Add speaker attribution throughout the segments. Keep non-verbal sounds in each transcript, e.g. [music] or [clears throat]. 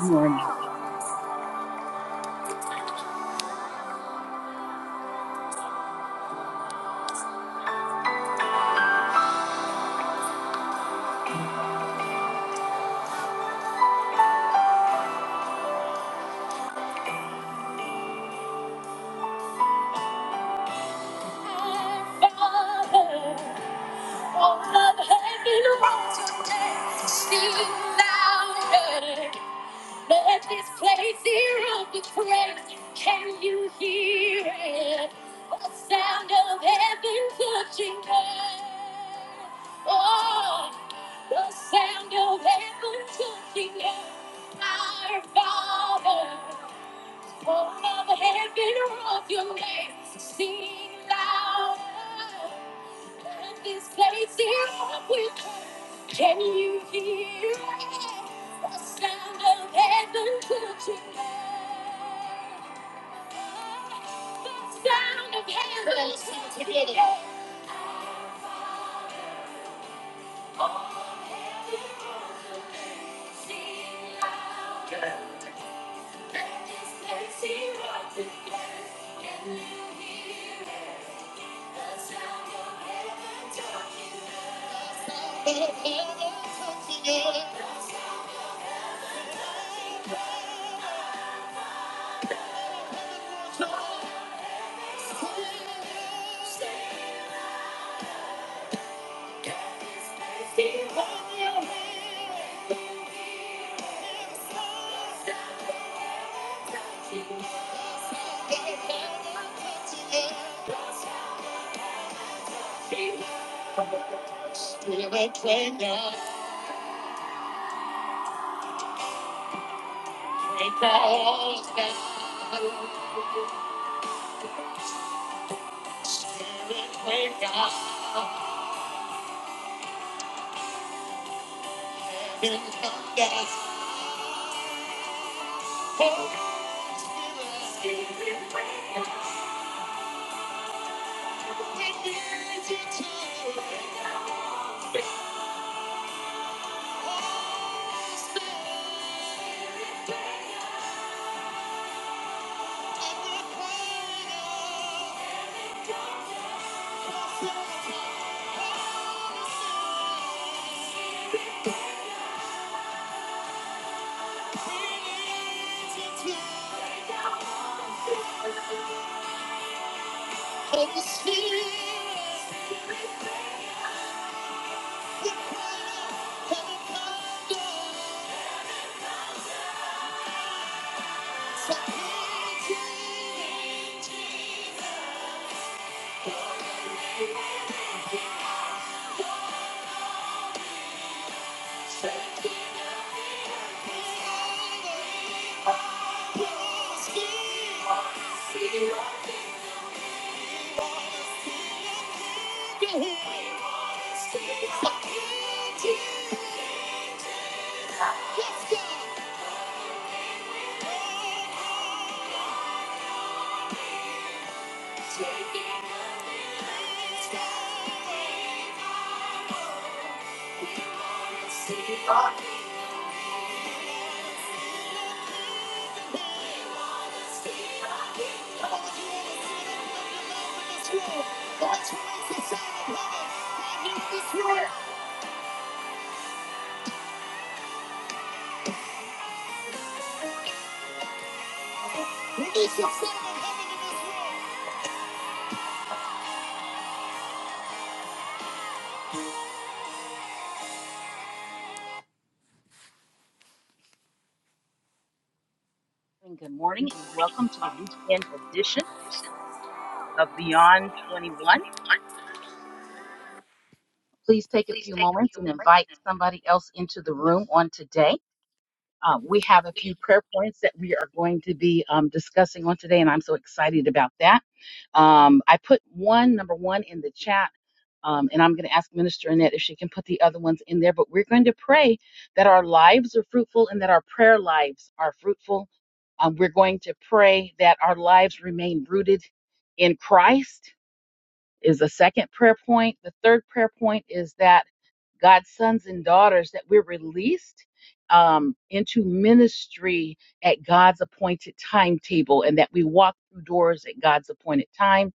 Speaker 1: morning.
Speaker 2: all I've had been wrong today. Speak louder. Let this place hear of the praise. Can you hear it? The sound of heaven touching earth. Oh, the sound of heaven touching earth. Our Father. Pour all the heaven of your name. Sing louder. And this place is up with her. Can you hear the sound of heaven touching earth? The sound of heaven touching earth. Oh, and this place is up with her. Can you hear the sound of heaven touching earth? The sound of heaven touching earth. Of the spirit. Let's go.
Speaker 1: Good morning, and welcome to the weekend edition of Beyond 21. Please take a few moments and invite somebody else into the room on today. Um, we have a few prayer points that we are going to be um, discussing on today, and I'm so excited about that. Um, I put one, number one, in the chat. Um, and I'm going to ask Minister Annette if she can put the other ones in there. But we're going to pray that our lives are fruitful and that our prayer lives are fruitful. Um, we're going to pray that our lives remain rooted in Christ, is the second prayer point. The third prayer point is that God's sons and daughters, that we're released um, into ministry at God's appointed timetable and that we walk through doors at God's appointed time.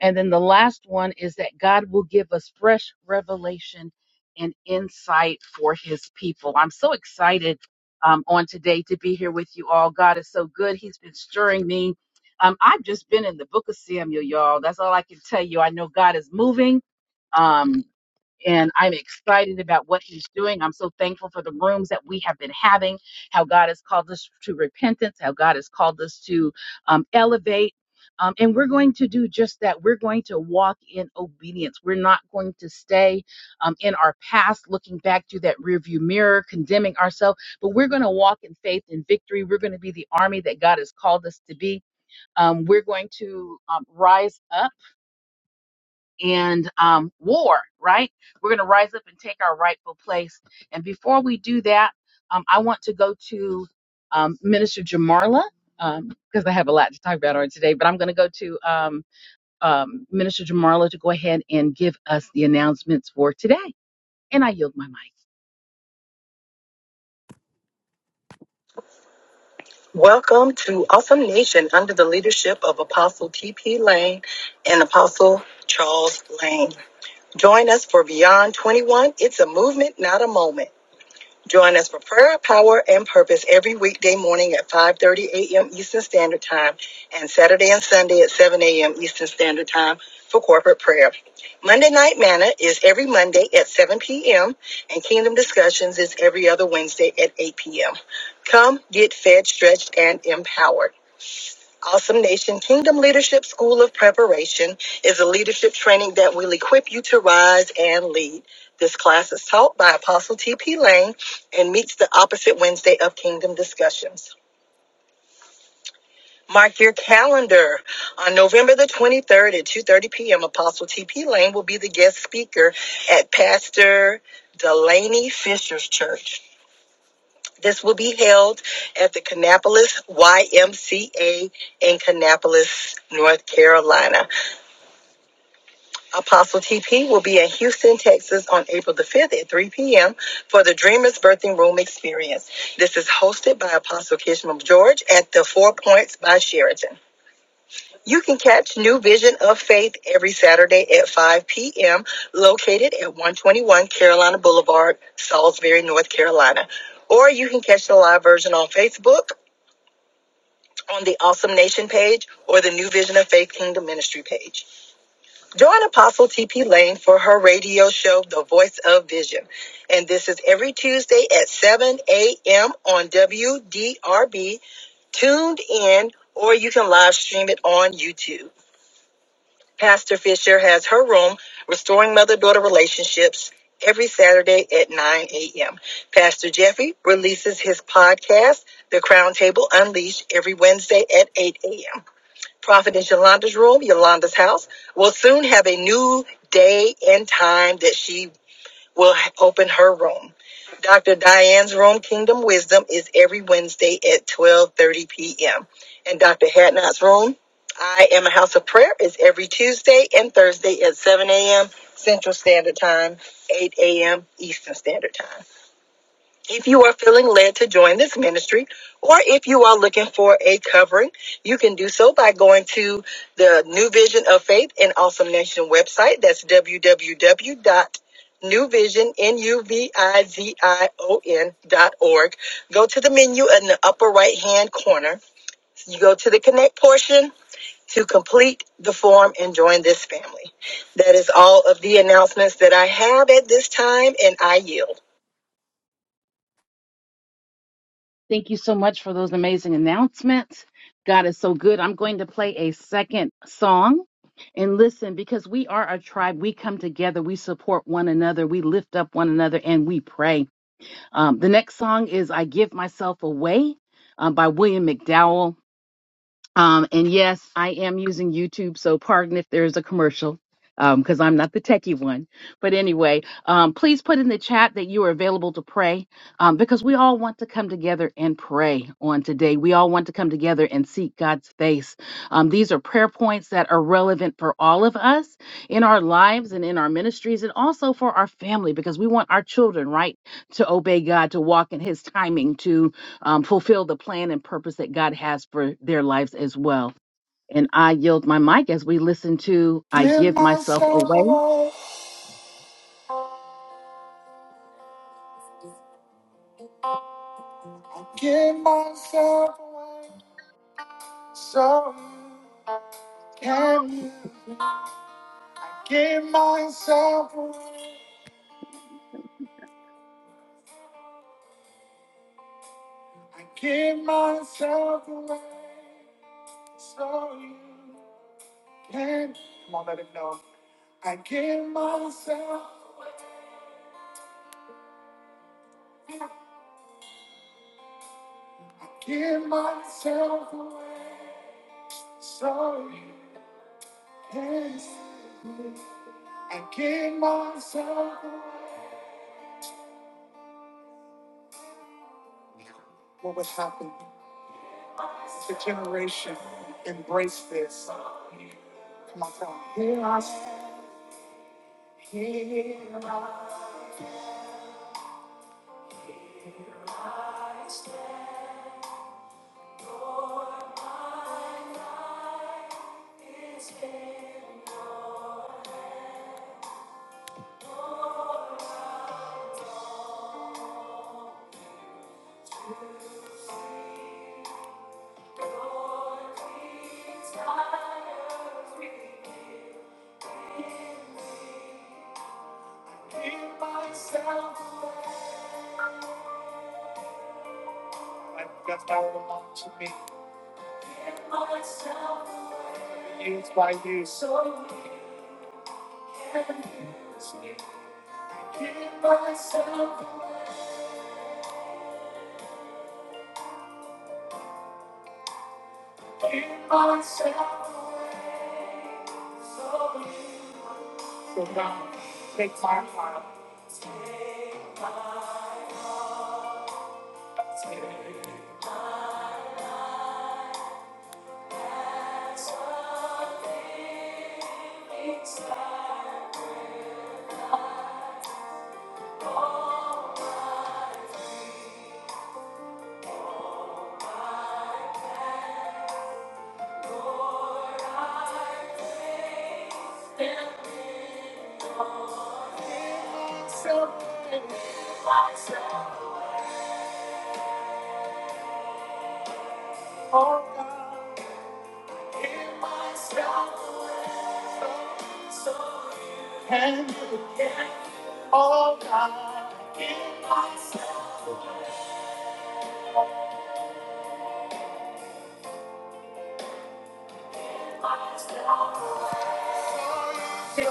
Speaker 1: And then the last one is that God will give us fresh revelation and insight for his people. I'm so excited um, on today to be here with you all. God is so good. He's been stirring me. Um, I've just been in the book of Samuel, y'all. That's all I can tell you. I know God is moving. Um, and I'm excited about what he's doing. I'm so thankful for the rooms that we have been having, how God has called us to repentance, how God has called us to um, elevate. Um, and we're going to do just that. We're going to walk in obedience. We're not going to stay um, in our past, looking back through that rearview mirror, condemning ourselves, but we're going to walk in faith and victory. We're going to be the army that God has called us to be. Um, we're going to um, rise up and um, war, right? We're going to rise up and take our rightful place. And before we do that, um, I want to go to um, Minister Jamarla um, because I have a lot to talk about on today, but I'm going to go to um, um, Minister Jamarla to go ahead and give us the announcements for today. And I yield my mic.
Speaker 3: Welcome to Awesome Nation under the leadership of Apostle T.P. Lane and Apostle Charles Lane. Join us for Beyond 21. It's a movement, not a moment. Join us for prayer, power, and purpose every weekday morning at 5:30 a.m. Eastern Standard Time and Saturday and Sunday at 7 a.m. Eastern Standard Time for corporate prayer. Monday Night Manna is every Monday at 7 p.m. and Kingdom Discussions is every other Wednesday at 8 p.m. Come get fed, stretched, and empowered. Awesome Nation Kingdom Leadership School of Preparation is a leadership training that will equip you to rise and lead. This class is taught by Apostle T.P. Lane and meets the opposite Wednesday of Kingdom Discussions. Mark your calendar. On November the 23rd at 2.30 p.m., Apostle T.P. Lane will be the guest speaker at Pastor Delaney Fisher's Church. This will be held at the Kannapolis YMCA in Kannapolis, North Carolina. Apostle TP will be in Houston, Texas on April the 5th at 3 p.m. for the Dreamers Birthing Room Experience. This is hosted by Apostle Kishma George at the Four Points by Sheraton. You can catch New Vision of Faith every Saturday at 5 p.m., located at 121 Carolina Boulevard, Salisbury, North Carolina. Or you can catch the live version on Facebook on the Awesome Nation page or the New Vision of Faith Kingdom Ministry page. Join Apostle TP Lane for her radio show, The Voice of Vision. And this is every Tuesday at 7 a.m. on WDRB, tuned in, or you can live stream it on YouTube. Pastor Fisher has her room, Restoring Mother Daughter Relationships, every Saturday at 9 a.m. Pastor Jeffrey releases his podcast, The Crown Table Unleashed, every Wednesday at 8 a.m. Prophetess Yolanda's room, Yolanda's house, will soon have a new day and time that she will ha- open her room. Dr. Diane's room, Kingdom Wisdom, is every Wednesday at 12:30 p.m. And Dr. Hadnot's room, I Am a House of Prayer, is every Tuesday and Thursday at 7 a.m. Central Standard Time, 8 a.m. Eastern Standard Time. If you are feeling led to join this ministry, or if you are looking for a covering, you can do so by going to the New Vision of Faith and Awesome Nation website. That's w w w dot new vision n u v i z i o n dot org. Go to the menu in the upper right hand corner. You go to the connect portion to complete the form and join this family. That is all of the announcements that I have at this time, and I yield.
Speaker 1: Thank you so much for those amazing announcements. God is so good. I'm going to play a second song and listen because we are a tribe. We come together, we support one another, we lift up one another, and we pray. Um, the next song is I Give Myself Away um, by William McDowell. Um, and yes, I am using YouTube, so pardon if there's a commercial because I'm not the techie one. But anyway, um, please put in the chat that you are available to pray um, because we all want to come together and pray on today. We all want to come together and seek God's face. Um, these are prayer points that are relevant for all of us in our lives and in our ministries and also for our family because we want our children, right, to obey God, to walk in His timing, to um, fulfill the plan and purpose that God has for their lives as well. And I yield my mic as we listen to I
Speaker 2: Give
Speaker 1: Give Myself
Speaker 2: myself
Speaker 1: Away
Speaker 2: away, give myself away, so you can you? I give myself away, I give myself away, so you. can. Come on, let him know. I give myself, I give myself away. So you can see. me. I give myself away. What would happen if a generation embraced this? Come on, come on. Here I stand, here I give myself. away. That's all belong to me. Used by you. So God, take my heart. Oh God. Can you get all I give myself? to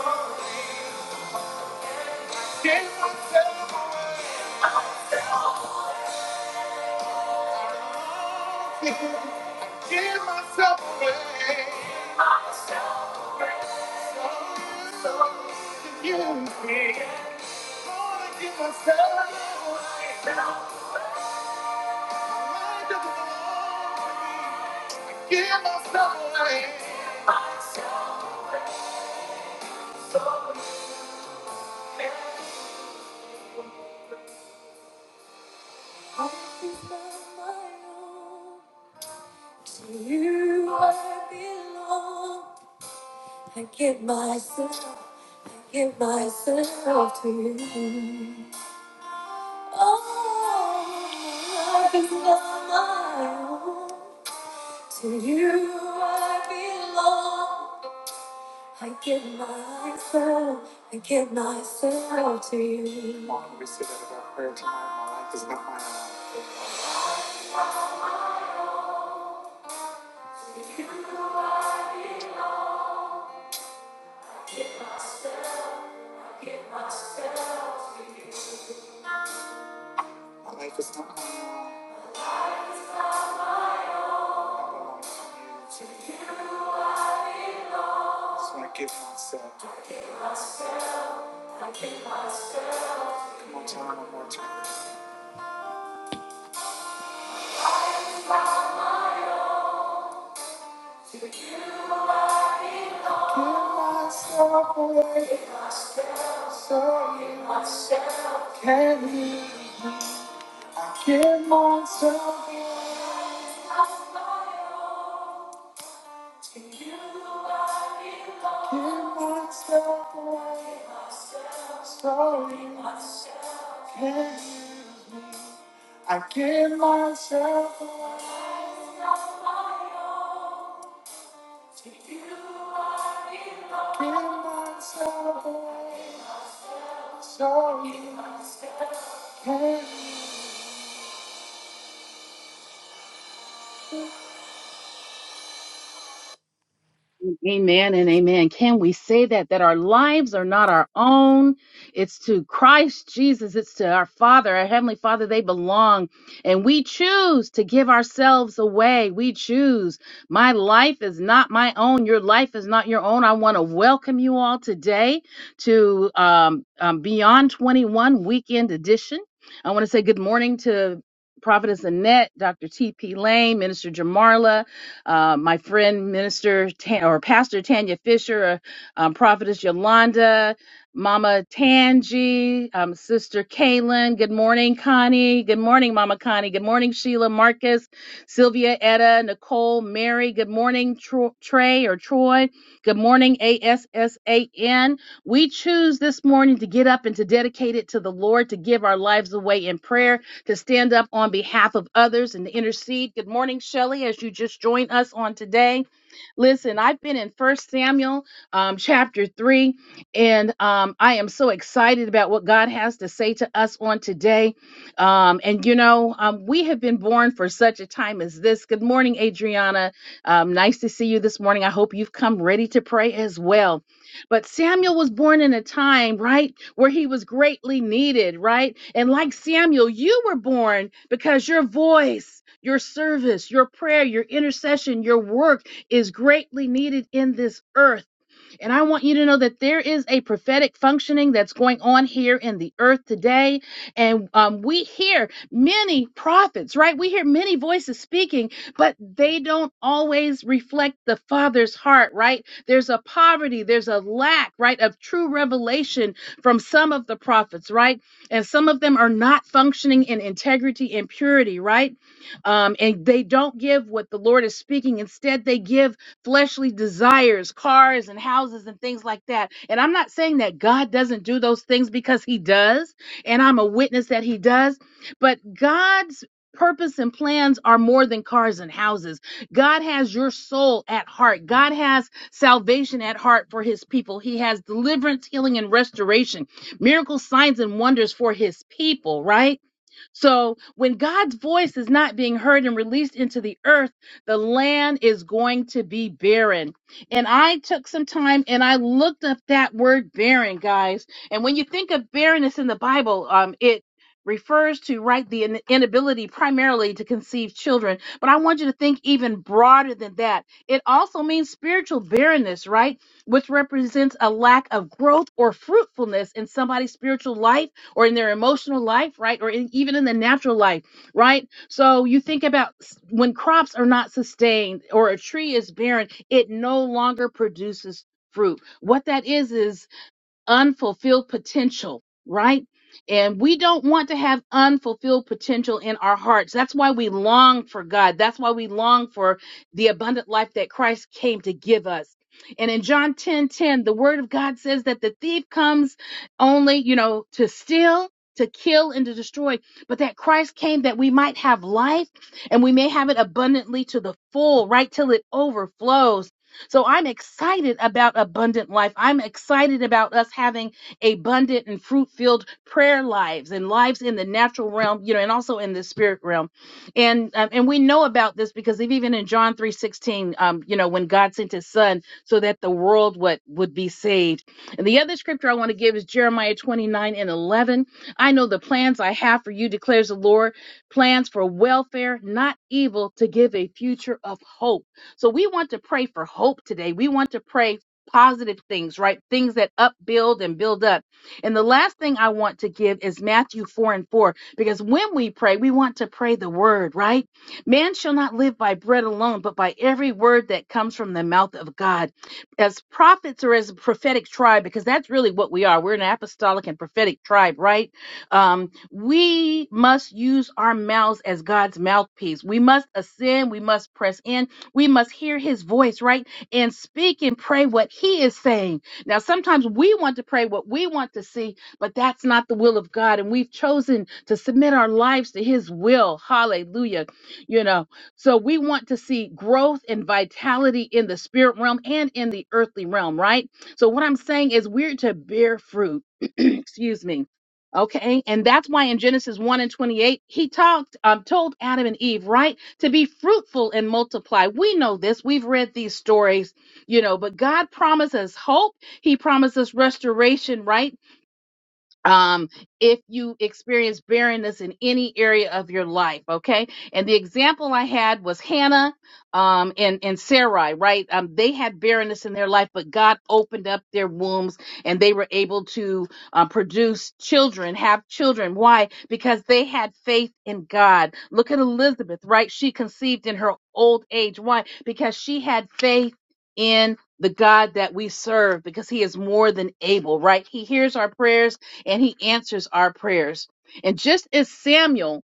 Speaker 2: you. Give myself away. Give myself away. So, so can you be? going give myself away. Now, I don't know. Give myself away. So, Life is not my own. To you I belong. I give myself, I give myself to you. Oh, life is not my own. To you I belong. I give my. Come we say that about prayer tonight. My life is not my own. My life is not my own. I belong to you. So I give myself. Come on, tell one more time. myself away so you can leave. I give myself away, give myself away so you can leave. I give myself away, give myself away so you can leave.
Speaker 1: Amen and amen. Can we say that that our lives are not our own? It's to Christ Jesus, it's to our Father, our heavenly Father they belong. And we choose to give ourselves away. We choose. My life is not my own. Your life is not your own. I want to welcome you all today to um, um, Beyond 21 Weekend Edition. I want to say good morning to Prophetess Annette, Dr. T.P. Lane, Minister Jamarla, uh, my friend, Minister Tan, or Pastor Tanya Fisher, uh, um, Prophetess Yolanda, Mama Tangi, um, Sister Kaylin. Good morning, Connie. Good morning, Mama Connie. Good morning, Sheila, Marcus, Sylvia, Etta, Nicole, Mary. Good morning, Tro- Trey or Troy. Good morning, ASSAN. We choose this morning to get up and to dedicate it to the Lord, to give our lives away in prayer to stand up on behalf of others and to intercede. Good morning, Shelley, as you just joined us on today. Listen, I've been in First Samuel um, chapter 3, and um, I am so excited about what God has to say to us on today. Um, and, you know, um, we have been born for such a time as this. Good morning, Adriana. Um, nice to see you this morning. I hope you've come ready to pray as well. But Samuel was born in a time, right, where he was greatly needed, right? And like Samuel, you were born because your voice, your service, your prayer, your intercession, your work is greatly needed in this earth and I want you to know that there is a prophetic functioning that's going on here in the earth today. And um, we hear many prophets, right? We hear many voices speaking, but they don't always reflect the Father's heart, right? There's a poverty, there's a lack, right, of true revelation from some of the prophets, right? And some of them are not functioning in integrity and purity, right? Um, and they don't give what the Lord is speaking. Instead, they give fleshly desires, cars and houses and things like that. And I'm not saying that God doesn't do those things because he does, and I'm a witness that he does, but God's purpose and plans are more than cars and houses. God has your soul at heart. God has salvation at heart for his people. He has deliverance, healing and restoration, miracles, signs and wonders for his people, right? So when God's voice is not being heard and released into the earth, the land is going to be barren. And I took some time and I looked up that word barren, guys. And when you think of barrenness in the Bible, um, it refers to right the in- inability primarily to conceive children but i want you to think even broader than that it also means spiritual barrenness right which represents a lack of growth or fruitfulness in somebody's spiritual life or in their emotional life, right? Or in, even in the natural life, right? So you think about when crops are not sustained or a tree is barren, it no longer produces fruit. What that is is unfulfilled potential, right? And we don't want to have unfulfilled potential in our hearts. That's why we long for God. That's why we long for the abundant life that Christ came to give us. And in John 10 10, the word of God says that the thief comes only, you know, to steal, to kill, and to destroy, but that Christ came that we might have life and we may have it abundantly to the full, right? Till it overflows. So I'm excited about abundant life. I'm excited about us having abundant and fruit filled prayer lives and lives in the natural realm, you know, and also in the spirit realm. And um, and we know about this because if even in John three sixteen, um, you know, when God sent His Son so that the world would would be saved. And the other scripture I want to give is Jeremiah twenty nine and eleven. I know the plans I have for you, declares the Lord, plans for welfare, not evil, to give a future of hope. So we want to pray for hope today. We want to pray positive things, right? Things that upbuild and build up. And the last thing I want to give is Matthew 4 and 4, because when we pray, we want to pray the word, right? Man shall not live by bread alone, but by every word that comes from the mouth of God. As prophets or as a prophetic tribe, because that's really what we are. We're an apostolic and prophetic tribe, right? Um, we must use our mouths as God's mouthpiece. We must ascend, we must press in, we must hear his voice, right? And speak and pray what he is saying. Now, sometimes we want to pray what we want to see, but that's not the will of God. And we've chosen to submit our lives to his will. Hallelujah. You know, so we want to see growth and vitality in the spirit realm and in the earthly realm, right? So, what I'm saying is we're to bear fruit [clears throat] excuse me okay and that's why in genesis 1 and 28 he talked um, told adam and eve right to be fruitful and multiply we know this we've read these stories you know but god promises hope he promises restoration right um, if you experience barrenness in any area of your life, okay? And the example I had was Hannah um, and, and Sarai, right? Um, they had barrenness in their life, but God opened up their wombs and they were able to uh, produce children, have children. Why? Because they had faith in God. Look at Elizabeth, right? She conceived in her old age. Why? Because she had faith in the God that we serve because he is more than able, right? He hears our prayers and he answers our prayers. And just as Samuel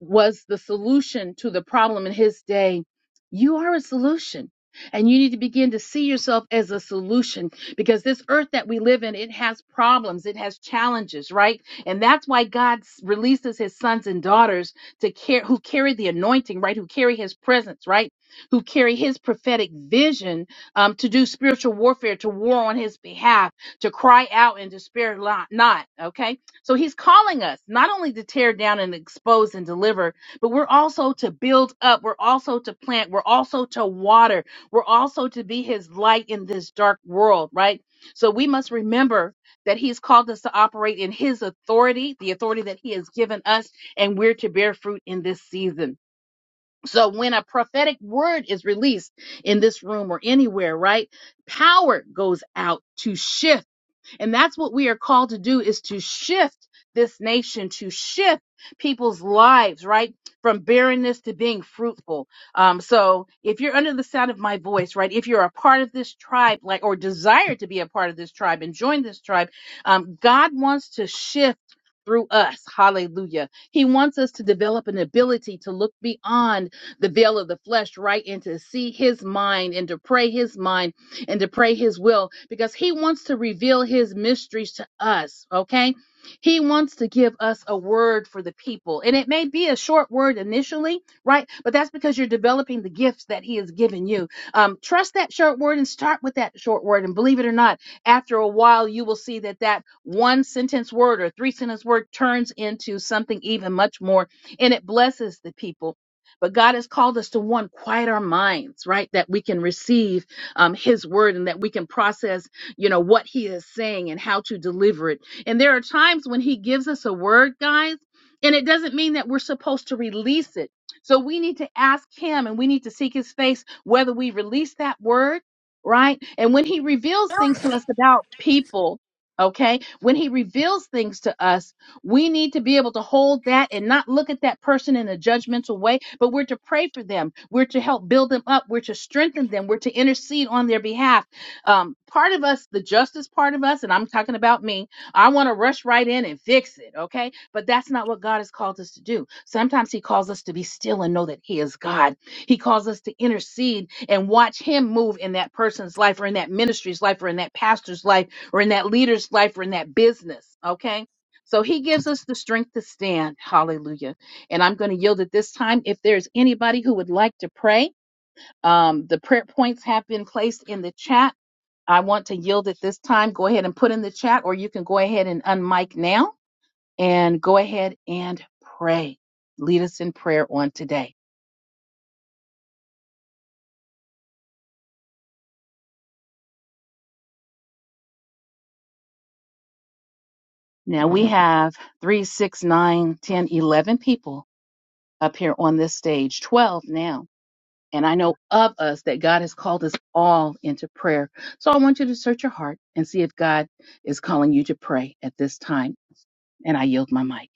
Speaker 1: was the solution to the problem in his day. You are a solution. And you need to begin to see yourself as a solution because this earth that we live in, it has problems, it has challenges, right? And that's why God s- releases his sons and daughters to care who carry the anointing, right? Who carry his presence, right? Who carry his prophetic vision um, to do spiritual warfare, to war on his behalf, to cry out and despair lo- not, okay? So he's calling us not only to tear down and expose and deliver, but we're also to build up. We're also to plant. We're also to water. We're also to be his light in this dark world, right? So we must remember that he's called us to operate in his authority, the authority that he has given us, and we're to bear fruit in this season. So when a prophetic word is released in this room or anywhere, right? Power goes out to shift and that's what we are called to do is to shift this nation, to shift people's lives, right? From barrenness to being fruitful. Um, so if you're under the sound of my voice, right? If you're a part of this tribe, like, or desire to be a part of this tribe and join this tribe, um, God wants to shift through us. Hallelujah. He wants us to develop an ability to look beyond the veil of the flesh, right? And to see his mind and to pray his mind and to pray his will because he wants to reveal his mysteries to us, okay? He wants to give us a word for the people. And it may be a short word initially, right? But that's because you're developing the gifts that he has given you. Um, trust that short word and start with that short word. And believe it or not, after a while, you will see that that one sentence word or three sentence word turns into something even much more and it blesses the people. But God has called us to one, quiet our minds, right? That we can receive um, his word and that we can process, you know, what he is saying and how to deliver it. And there are times when he gives us a word, guys, and it doesn't mean that we're supposed to release it. So we need to ask him and we need to seek his face whether we release that word, right? And when he reveals
Speaker 4: don't
Speaker 1: things to us about people, okay, when he reveals things to us, we need to be able to hold that and not look at that person in a judgmental way, but we're to pray for them. We're to help build them up. We're to strengthen them. We're to intercede on their behalf. Um, part of us, the justice part of us, and I'm talking about me, I want to rush right in and fix it, okay? But that's not what God has called us to do. Sometimes He calls us to be still and know that He is God. He calls us to intercede and watch Him move in that person's life or in that ministry's life or in that pastor's life or in that leader's life or in that business, okay? So he gives us the strength to stand. Hallelujah. And I'm going to yield at this time. If there's anybody who would like to pray, um, the prayer points have been placed in the chat. I want to yield at this time. Go ahead and put in the chat, or you can go ahead and unmic now and go ahead and pray. Lead us in prayer on today. Now we have three, six, nine, ten, eleven people up here on this stage, 12 now. And I know of us that God has called us all into prayer. So I want you to search your heart and see if God is calling you to pray at this time. And I yield my mic.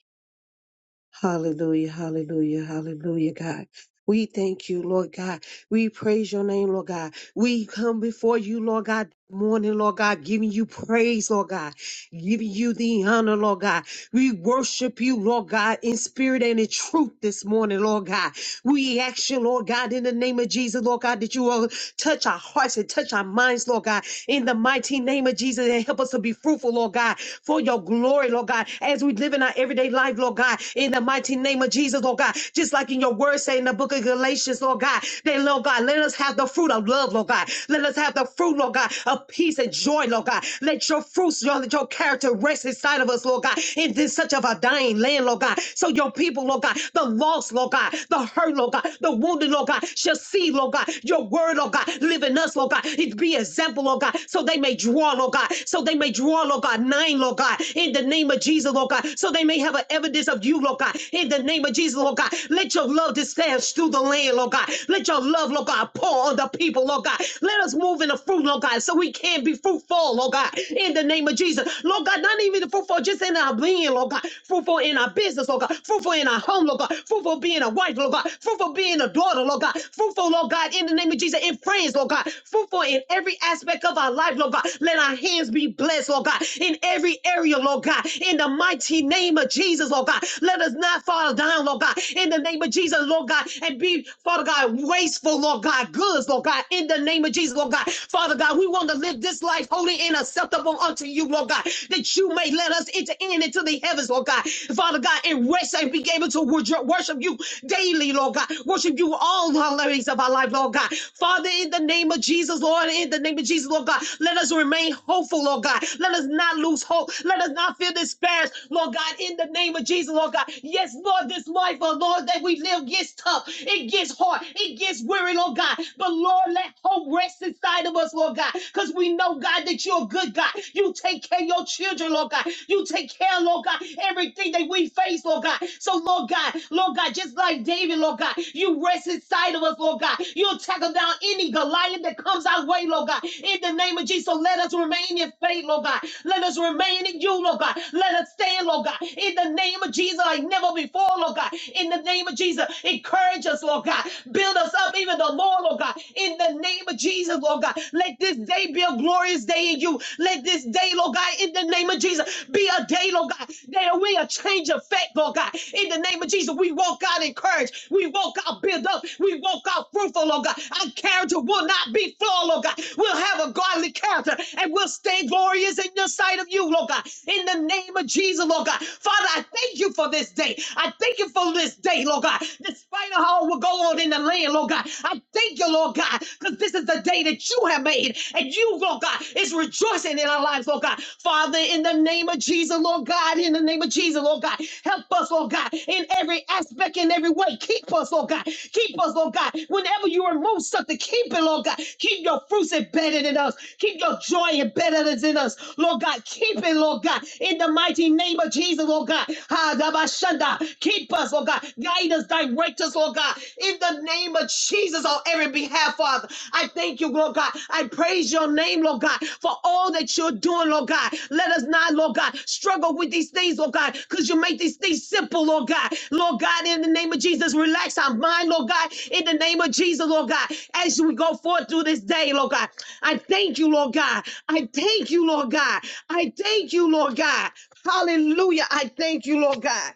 Speaker 5: Hallelujah, hallelujah, hallelujah, God. We thank you, Lord God. We praise your name, Lord God. We come before you, Lord God, morning, Lord God, giving you praise, Lord God, giving you the honor, Lord God. We worship you, Lord God, in spirit and in truth this morning, Lord God. We ask you, Lord God, in the name of Jesus, Lord God, that you will touch our hearts and touch our minds, Lord God, in the mighty name of Jesus, and help us to be fruitful, Lord God, for your glory, Lord God, as we live in our everyday life, Lord God, in the mighty name of Jesus, Lord God, just like in your word say in the book of Galatians, Lord God, that, Lord God, let us have the fruit of love, Lord God. Let us have the fruit, Lord God, of peace and joy, Lord God. Let your fruits, Lord, let your character rest inside of us, Lord God, in this such of a dying land, Lord God. So your people, Lord God, the lost, Lord God, the hurt, Lord God, the wounded, Lord God, shall see, Lord God, your word, Lord God, live in us, Lord God. It be example, Lord God, so they may draw, Lord God, so they may draw, Lord God, nine, Lord God, in the name of Jesus, Lord God, so they may have an evidence of you, Lord God, in the name of Jesus, Lord God. Let your love disperse through the land, Lord God. Let your love, Lord God, pour on the people, Lord God. Let us move in the fruit, Lord God, so we can be fruitful, Lord God, in the name of Jesus. Lord God, not even the fruitful, just in in our being, Lord God. Fruitful in our business, Lord God. Fruitful in our home, Lord God. Fruitful being a wife, Lord God. Fruitful being a daughter, Lord God. Fruitful, Lord God, in the name of Jesus, in friends, Lord God. Fruitful in every aspect of our life, Lord God. Let our hands be blessed, Lord God, in every area, Lord God. In the mighty name of Jesus, Lord God. Let us not fall down, Lord God. In the name of Jesus, Lord God, and be, Father God, wasteful, Lord God. Goods, Lord God. In the name of Jesus, Lord God. Father God, we want to live this life holy and acceptable them unto you, Lord God, that you may let us enter in into the heavens, Lord God. Father God, and rest and be able to worship you daily, Lord God. Worship you all the days of our life, Lord God. Father, in the name of Jesus, Lord, in the name of Jesus, Lord God, let us remain hopeful, Lord God. Let us not lose hope. Let us not feel disparaged, Lord God, in the name of Jesus, Lord God. Yes, Lord, this life, oh Lord, that we live gets tough. It gets hard. It gets weary, Lord God. But Lord, let hope rest inside of us, us, Lord God, because we know, God, that you're a good God. You take care of your children, Lord God. You take care, Lord God, everything that we face, Lord God. So, Lord God, Lord God, just like David, Lord God, you rest inside of us, Lord God. You'll tackle down any Goliath that comes our way, Lord God, in the name of Jesus. So let us remain in faith, Lord God. Let us remain in you, Lord God. Let us stand, Lord God, in the name of Jesus, like never before, Lord God. In the name of Jesus, encourage us, Lord God. Build us up even the more. Lord, oh God, in the name of Jesus, Lord God. Let this day be a glorious day in you. Let this day, Lord God, in the name of Jesus, be a day, Lord God, that we a change of fact, Lord God. In the name of Jesus, we walk out encouraged. We walk out built up. We walk out fruitful, Lord God. Our character will not be flawed, Lord God. We'll have a godly character and we'll stay glorious in the sight of you, Lord God. In the name of Jesus, Lord God. Father, I thank you for this day. I thank you for this day, Lord God. This spite of all what go on in the land, Lord God. I thank you, Lord God, because this is the day that you have made, and you, Lord God, is rejoicing in our lives, Lord God. Father, in the name of Jesus, Lord God, in the name of Jesus, Lord God, help us, Lord God, in every aspect, in every way. Keep us, Lord God. Keep us, Lord God. Whenever you remove something, keep it, Lord God. Keep your fruits embedded in us. Keep your joy embedded in us, Lord God. Keep it, Lord God, in the mighty name of Jesus, Lord God. Ha, Shanda. Keep us, Lord God. Guide us, direct us, Lord God. In the name of Jesus on every behalf, Father. I thank you, Lord God. I praise your name, Lord God, for all that you're doing, Lord God. Let us not, Lord God, struggle with these things, Lord God, because you make these things simple, Lord God. Lord God, in the name of Jesus, relax our mind, Lord God. In the name of Jesus, Lord God, as we go forth through this day, Lord God. I thank you, Lord God. I thank you, Lord God. I thank you, Lord God. Hallelujah. I thank you, Lord God.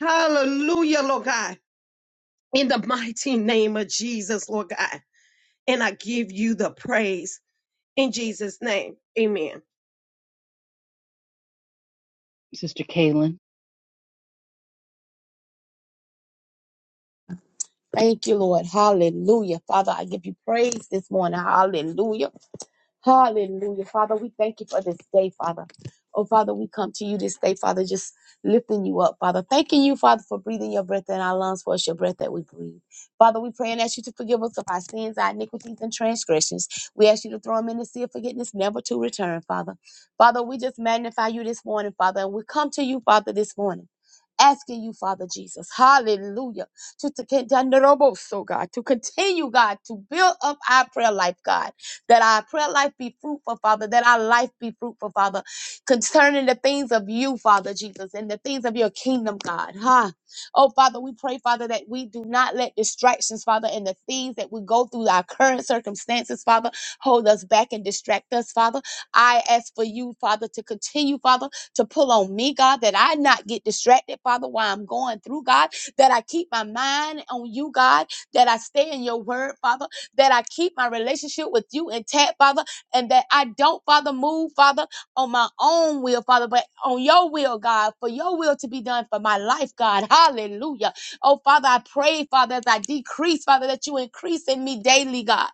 Speaker 5: Hallelujah, Lord God. In the mighty name of Jesus, Lord God. And I give you the praise in Jesus' name. Amen.
Speaker 1: Sister Kaylin,
Speaker 6: Thank you, Lord. Hallelujah. Father, I give you praise this morning. Hallelujah. Hallelujah. Father, we thank you for this day, Father. Oh, Father, we come to you this day, Father, just lifting you up, Father. Thanking you, Father, for breathing your breath in our lungs, for it's your breath that we breathe. Father, we pray and ask you to forgive us of our sins, our iniquities, and transgressions. We ask you to throw them in the sea of forgiveness, never to return, Father. Father, we just magnify you this morning, Father, and we come to you, Father, this morning. Asking you, Father Jesus, hallelujah, to, to, con- to, so God, to continue, God, to build up our prayer life, God that our prayer life be fruitful, Father, that our life be fruitful, Father, concerning the things of you, Father Jesus, and the things of your kingdom, God. Huh? Oh, Father, we pray, Father, that we do not let distractions, Father, and the things that we go through, our current circumstances, Father, hold us back and distract us, Father. I ask for you, Father, to continue, Father, to pull on me, God, that I not get distracted, Father, while I'm going through, God, that I keep my mind on you, God, that I stay in your word, Father that I keep my relationship with you intact, Father, and that I don't, Father, move, Father, on my own will, Father, but on your will, God, for your will to be done for my life, God. Hallelujah. Oh, Father, I pray, Father, as I decrease, Father, that you increase in me daily, God.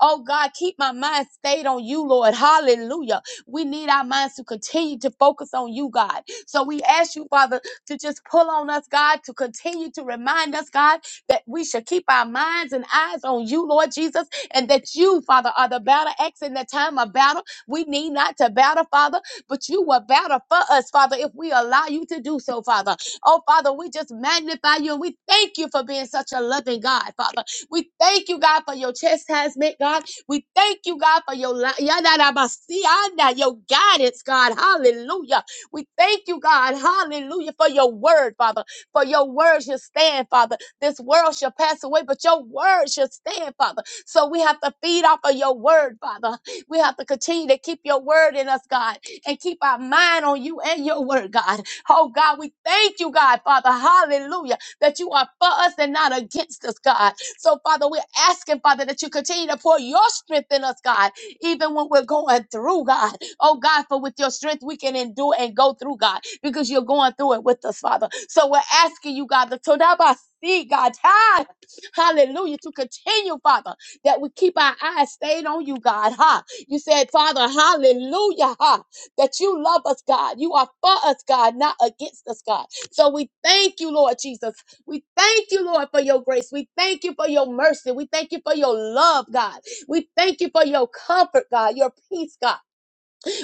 Speaker 6: Oh, God, keep my mind stayed on you, Lord. Hallelujah. We need our minds to continue to focus on you, God. So we ask you, Father, to just pull on us, God, to continue to remind us, God, that we should keep our minds and eyes on you, Lord Jesus, and that you, Father, are the battle axe in the time of battle. We need not to battle, Father, but you will battle for us, Father, if we allow you to do so, Father. Oh, Father, we just magnify you and we thank you for being such a loving God, Father. We thank you, God, for your chastisement, God. We thank you, God, for your li- yadadabasianda, your guidance, God. Hallelujah. We thank you, God. Hallelujah, for your word, Father. For your words you stand, Father. This world shall pass away, but your word shall stand, Father. So we have to feed off of your word, Father. We have to continue to keep your word in us, God, and keep our mind on you and your word, God. Oh, God, we thank you, God, Father. Hallelujah. That you are for us and not against us, God. So, Father, we're asking, Father, that you continue to pour your strength in us, God, even when we're going through, God. Oh God, for with your strength we can endure and go through, God, because you're going through it with us, Father. So we're asking you, God, the Todabasi, God, [laughs] ha, hallelujah, to continue, Father, that we keep our eyes stayed on you, God, ha. You said, Father, hallelujah, ha, that you love us, God. You are for us, God, not against us, God. So we thank you, Lord Jesus. We thank you, Lord, for your grace. We thank you for your mercy. We thank you for your love, God. We thank you for your comfort, God, your peace, God.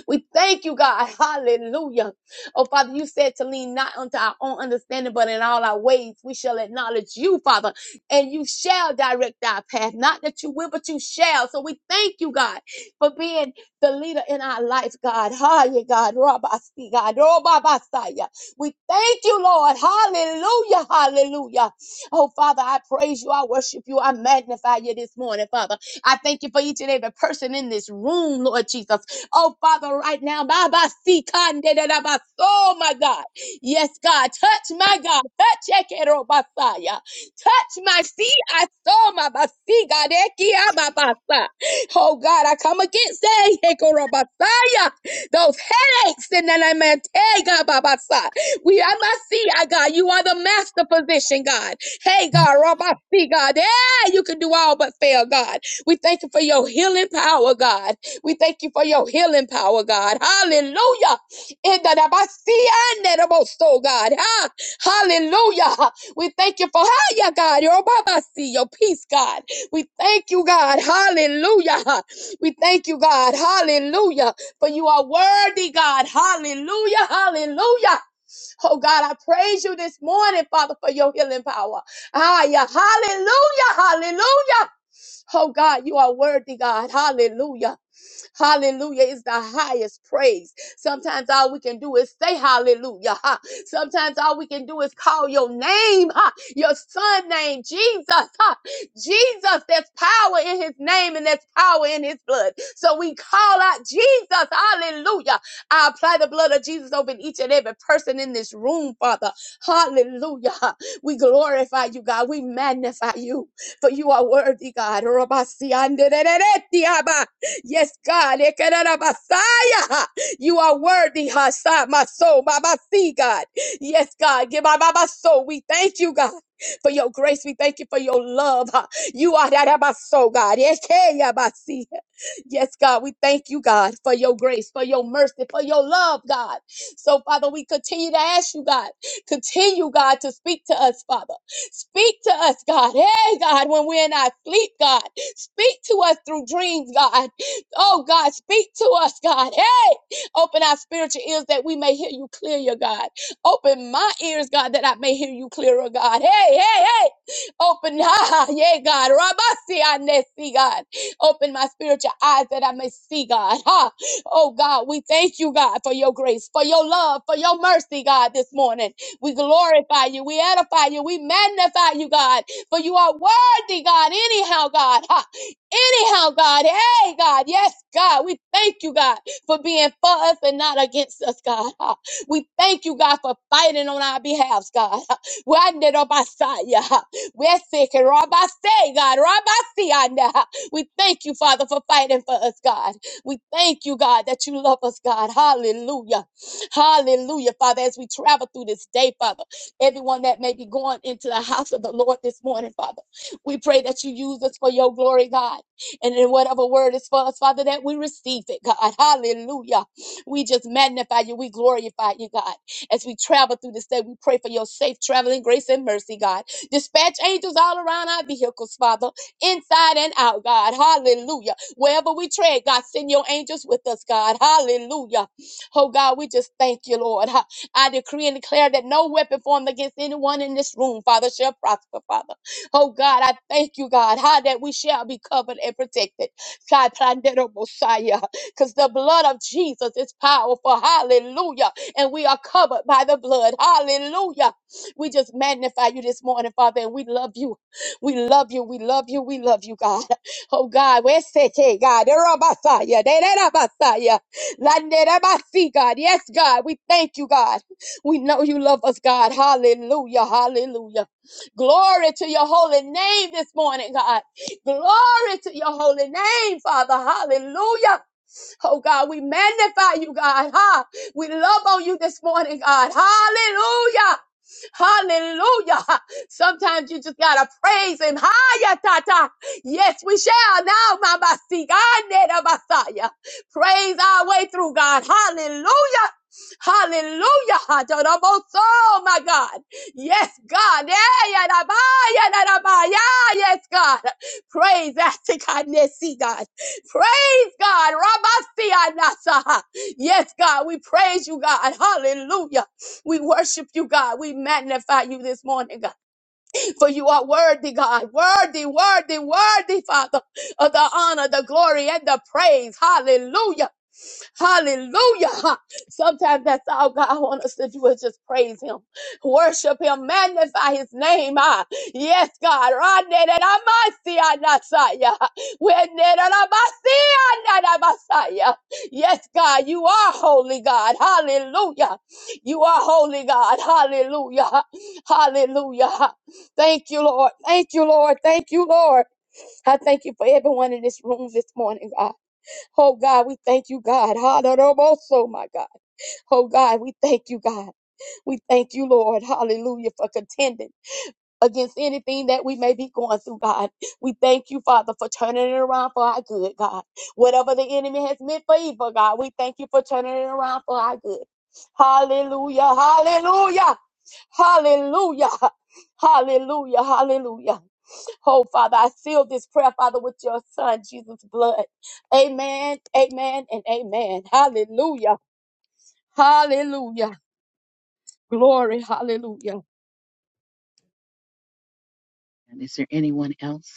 Speaker 6: We thank you, God. [laughs] Hallelujah. Oh, Father, you said to lean not unto our own understanding, but in all our ways we shall acknowledge you, Father, and you shall direct our path. Not that you will, but you shall. So we thank you, God, for being the leader in our life, God. Hallelujah, God. Rabasi, God. Robabasaya. We thank you, Lord. Hallelujah. Hallelujah. Oh, Father, I praise you. I worship you. I magnify you this morning, Father. I thank you for each and every person in this room, Lord Jesus. Oh, Father, right now. Baba, see, kande Babasikandedabas- Oh, my God. Yes, God. Touch my God. Touch Ekero basaya, Touch my feet. I saw my Basi, God ekia Basigadekiababasa. Oh, God, I come against that. basaya. Those headaches in the name of Tegababasa. We, I must see, I God, you are the master physician, God. Hey, God, Rabbi, see, God, yeah, you can do all but fail, God. We thank you for your healing power, God. We thank you for your healing power, God. Hallelujah. In the Nabasianetaboso, God. Ah, Hallelujah. We thank you for Hiya, God. Your Babasi, your peace, God. We thank you, God. Hallelujah. We thank you, God. Hallelujah. For you are worthy, God. Hallelujah. Hallelujah. Oh God, I praise you this morning, Father, for your healing power. Ah, yeah. Hallelujah. Hallelujah. Oh God, you are worthy, God. Hallelujah. Hallelujah is the highest praise. Sometimes all we can do is say hallelujah. huh? Sometimes all we can do is call your name, huh? your son name, Jesus. huh? Jesus, there's power in his name and there's power in his blood. So we call out Jesus. Hallelujah. I apply the blood of Jesus over each and every person in this room, Father. Hallelujah. We glorify you, God. We magnify you, for you are worthy, God. Rabasiandereretiaba. Yes, God. Ekerara Messiah. You are worthy, Hassan, my soul, Baba, see, God. Yes, God. Give my, my, soul. We thank you, God. For your grace, we thank you for your love. huh. You are that my soul, God. Ekeya Messiah. Yes, God, we thank you, God, for your grace, for your mercy, for your love, God. So, Father, we continue to ask you, God, continue, God, to speak to us, Father. Speak to us, God. Hey, God, when we're in our sleep, God. Speak to us through dreams, God. Oh God, speak to us, God. Hey, open our spiritual ears that we may hear you clear, God. Open my ears, God, that I may hear you clearer, God. Hey, hey, hey. Open, [laughs] ah, yeah, God. Rabasi, I may see, God. Open my spiritual eyes that I may see, God. Ha. Oh, God, we thank you, God, for your grace, for your love, for your mercy, God, this morning. We glorify you. We edify you. We magnify you, God, for you are worthy, God, anyhow, God. Ha anyhow, God. Hey, God. Yes, God. We thank you, God, for being for us and not against us, God. [laughs] Ah, We thank you, God, for fighting on our behalves, God. [laughs] Ah, We under the Messiah. Ah, We're sick and Rabbi say, [laughs] God. Rabbi see, I know. Ah, [laughs] We thank you, Father, for fighting for us, God. We thank you, God, that you love us, God. Hallelujah. Hallelujah, Father, as we travel through this day, Father, everyone that may be going into the house of the Lord this morning, Father, we pray that you use us for your glory, God. And in whatever word is for us, Father, that we receive it, God. Hallelujah. We just magnify you. We glorify you, God. As we travel through this day, we pray for your safe traveling grace and mercy, God. Dispatch angels all around our vehicles, Father, inside and out, God. Hallelujah. Wherever we tread, God, send your angels with us, God. Hallelujah. Oh, God, we just thank you, Lord. Ha- I decree and declare that no weapon formed against anyone in this room, Father, shall prosper, Father. Oh God, I thank you, God, how that we shall be covered and protected. God, Pandero Messiah, because the blood of Jesus is powerful. Hallelujah. And we are covered by the blood. Hallelujah. We just magnify you this morning, Father, and we love you. We love you. We love you. We love you, God. Oh God, where's Sete, God? Dero Messiah, Derera Messiah, Landera Masi, God. Yes, God, we thank you, God. We know you love us, God. Hallelujah. Hallelujah. Glory to your holy name this morning, God. Glory to your holy name, Father. Hallelujah. Oh God, we magnify you, God. Ha. We love on you this morning, God. Hallelujah. Hallelujah. Sometimes you just gotta praise him. Hiya, tata. Yes, we shall now, Mama Sigandabasaya. Praise our way through, God. Hallelujah. Hallelujah. Adoraboso, my God. Yes, God. Yeah, yeah, da, ba, yeah, da, da, ba, yeah. Yes, God. Praise that to God. Yes, see, God. Praise praise God. Rabasianasa. Yes, God, we praise you, God. Hallelujah. We worship you, God. We magnify you this morning, God. For you are worthy, God. Worthy, worthy, worthy, Father, of the honor, the glory, and the praise. Hallelujah. Hallelujah. Sometimes that's all God wants us to do is just praise Him, worship Him, magnify His name. Ah, yes, God. ra ne da da ma si ya we ne da da ma si ya Yes, God, you are holy God. Hallelujah. You are holy God. Hallelujah. Hallelujah. Thank you, Lord. Thank you, Lord. Thank you, Lord. I thank you for everyone in this room this morning, God. Oh God, we thank you, God. Hallelujah, my God. Oh God, we thank you, God. We thank you, Lord. Hallelujah for contending against anything that we may be going through, God. We thank you, Father, for turning it around for our good, God. Whatever the enemy has meant for evil, God, we thank you for turning it around for our good. Hallelujah, hallelujah, hallelujah, hallelujah, hallelujah. Oh, Father, I seal this prayer, Father, with your son, Jesus' blood. Amen, amen, and amen. Hallelujah. Hallelujah. Glory, hallelujah.
Speaker 1: and is there anyone else?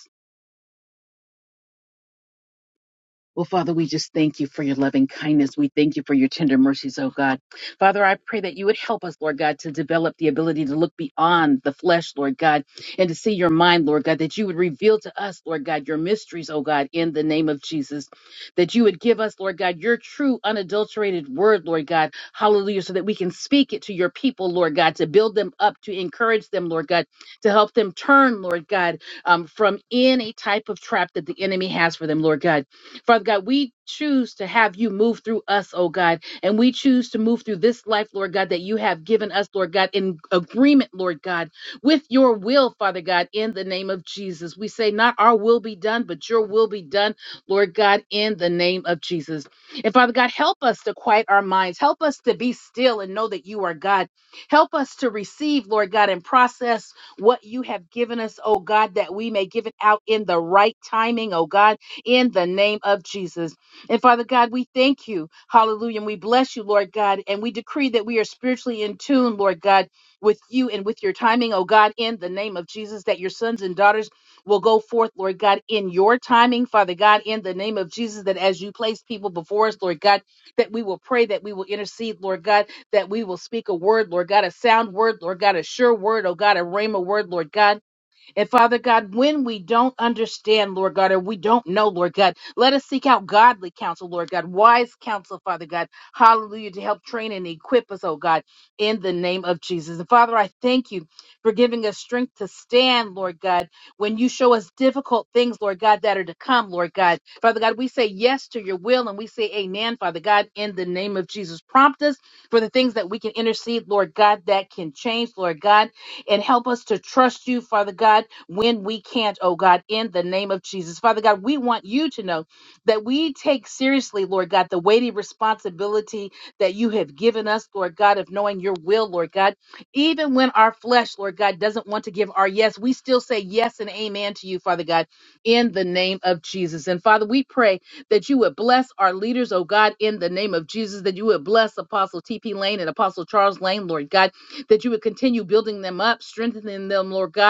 Speaker 1: Well, Father, we just thank you for your loving kindness. We thank you for your tender mercies, oh God. Father, I pray that you would help us, Lord God, to develop the ability to look beyond the flesh, Lord God, and to see your mind, Lord God, that you would reveal to us, Lord God, your mysteries, oh God, in the name of Jesus. That you would give us, Lord God, your true, unadulterated word, Lord God. Hallelujah. So that we can speak it to your people, Lord God, to build them up, to encourage them, Lord God, to help them turn, Lord God, um, from any type of trap that the enemy has for them, Lord God. Father God, we choose to have you move through us, oh God, and we choose to move through this life, Lord God, that you have given us, Lord God, in agreement, Lord God, with your will, Father God, in the name of Jesus. We say, not our will be done, but your will be done, Lord God, in the name of Jesus. And Father God, help us to quiet our minds. Help us to be still and know that you are God. Help us to receive, Lord God, and process what you have given us, oh God, that we may give it out in the right timing, oh God in the name of Jesus. And Father God, we thank you. Hallelujah. And we bless you, Lord God. And we decree that we are spiritually in tune, Lord God, with you and with your timing, oh God, in the name of Jesus, that your sons and daughters will go forth, Lord God, in your timing, Father God, in the name of Jesus, that as you place people before us, Lord God, that we will pray, that we will intercede, Lord God, that we will speak a word, Lord God, a sound word, Lord God, a sure word, oh God, a rhema word, Lord God and Father God, when we don't understand, Lord God, or we don't know, Lord God, let us seek out godly counsel, Lord God, wise counsel, Father God. Hallelujah, to help train and equip us, oh God, in the name of Jesus. And Father, I thank you for giving us strength to stand, Lord God, when you show us difficult things, Lord God, that are to come, Lord God. Father God, we say yes to your will and we say amen, Father God, in the name of Jesus. Prompt us for the things that we can intercede, Lord God, that can change, Lord God, and help us to trust you, Father God when we can't, oh God, in the name of Jesus. Father God, we want you to know that we take seriously, Lord God, the weighty responsibility that you have given us, Lord God, of knowing your will, Lord God. Even when our flesh, Lord God, doesn't want to give our yes, we still say yes and amen to you, Father God, in the name of Jesus. And Father, we pray that you would bless our leaders, oh God, in the name of Jesus, that you would bless Apostle T.P. Lane and Apostle Charles Lane, Lord God, that you would continue building them up, strengthening them, Lord God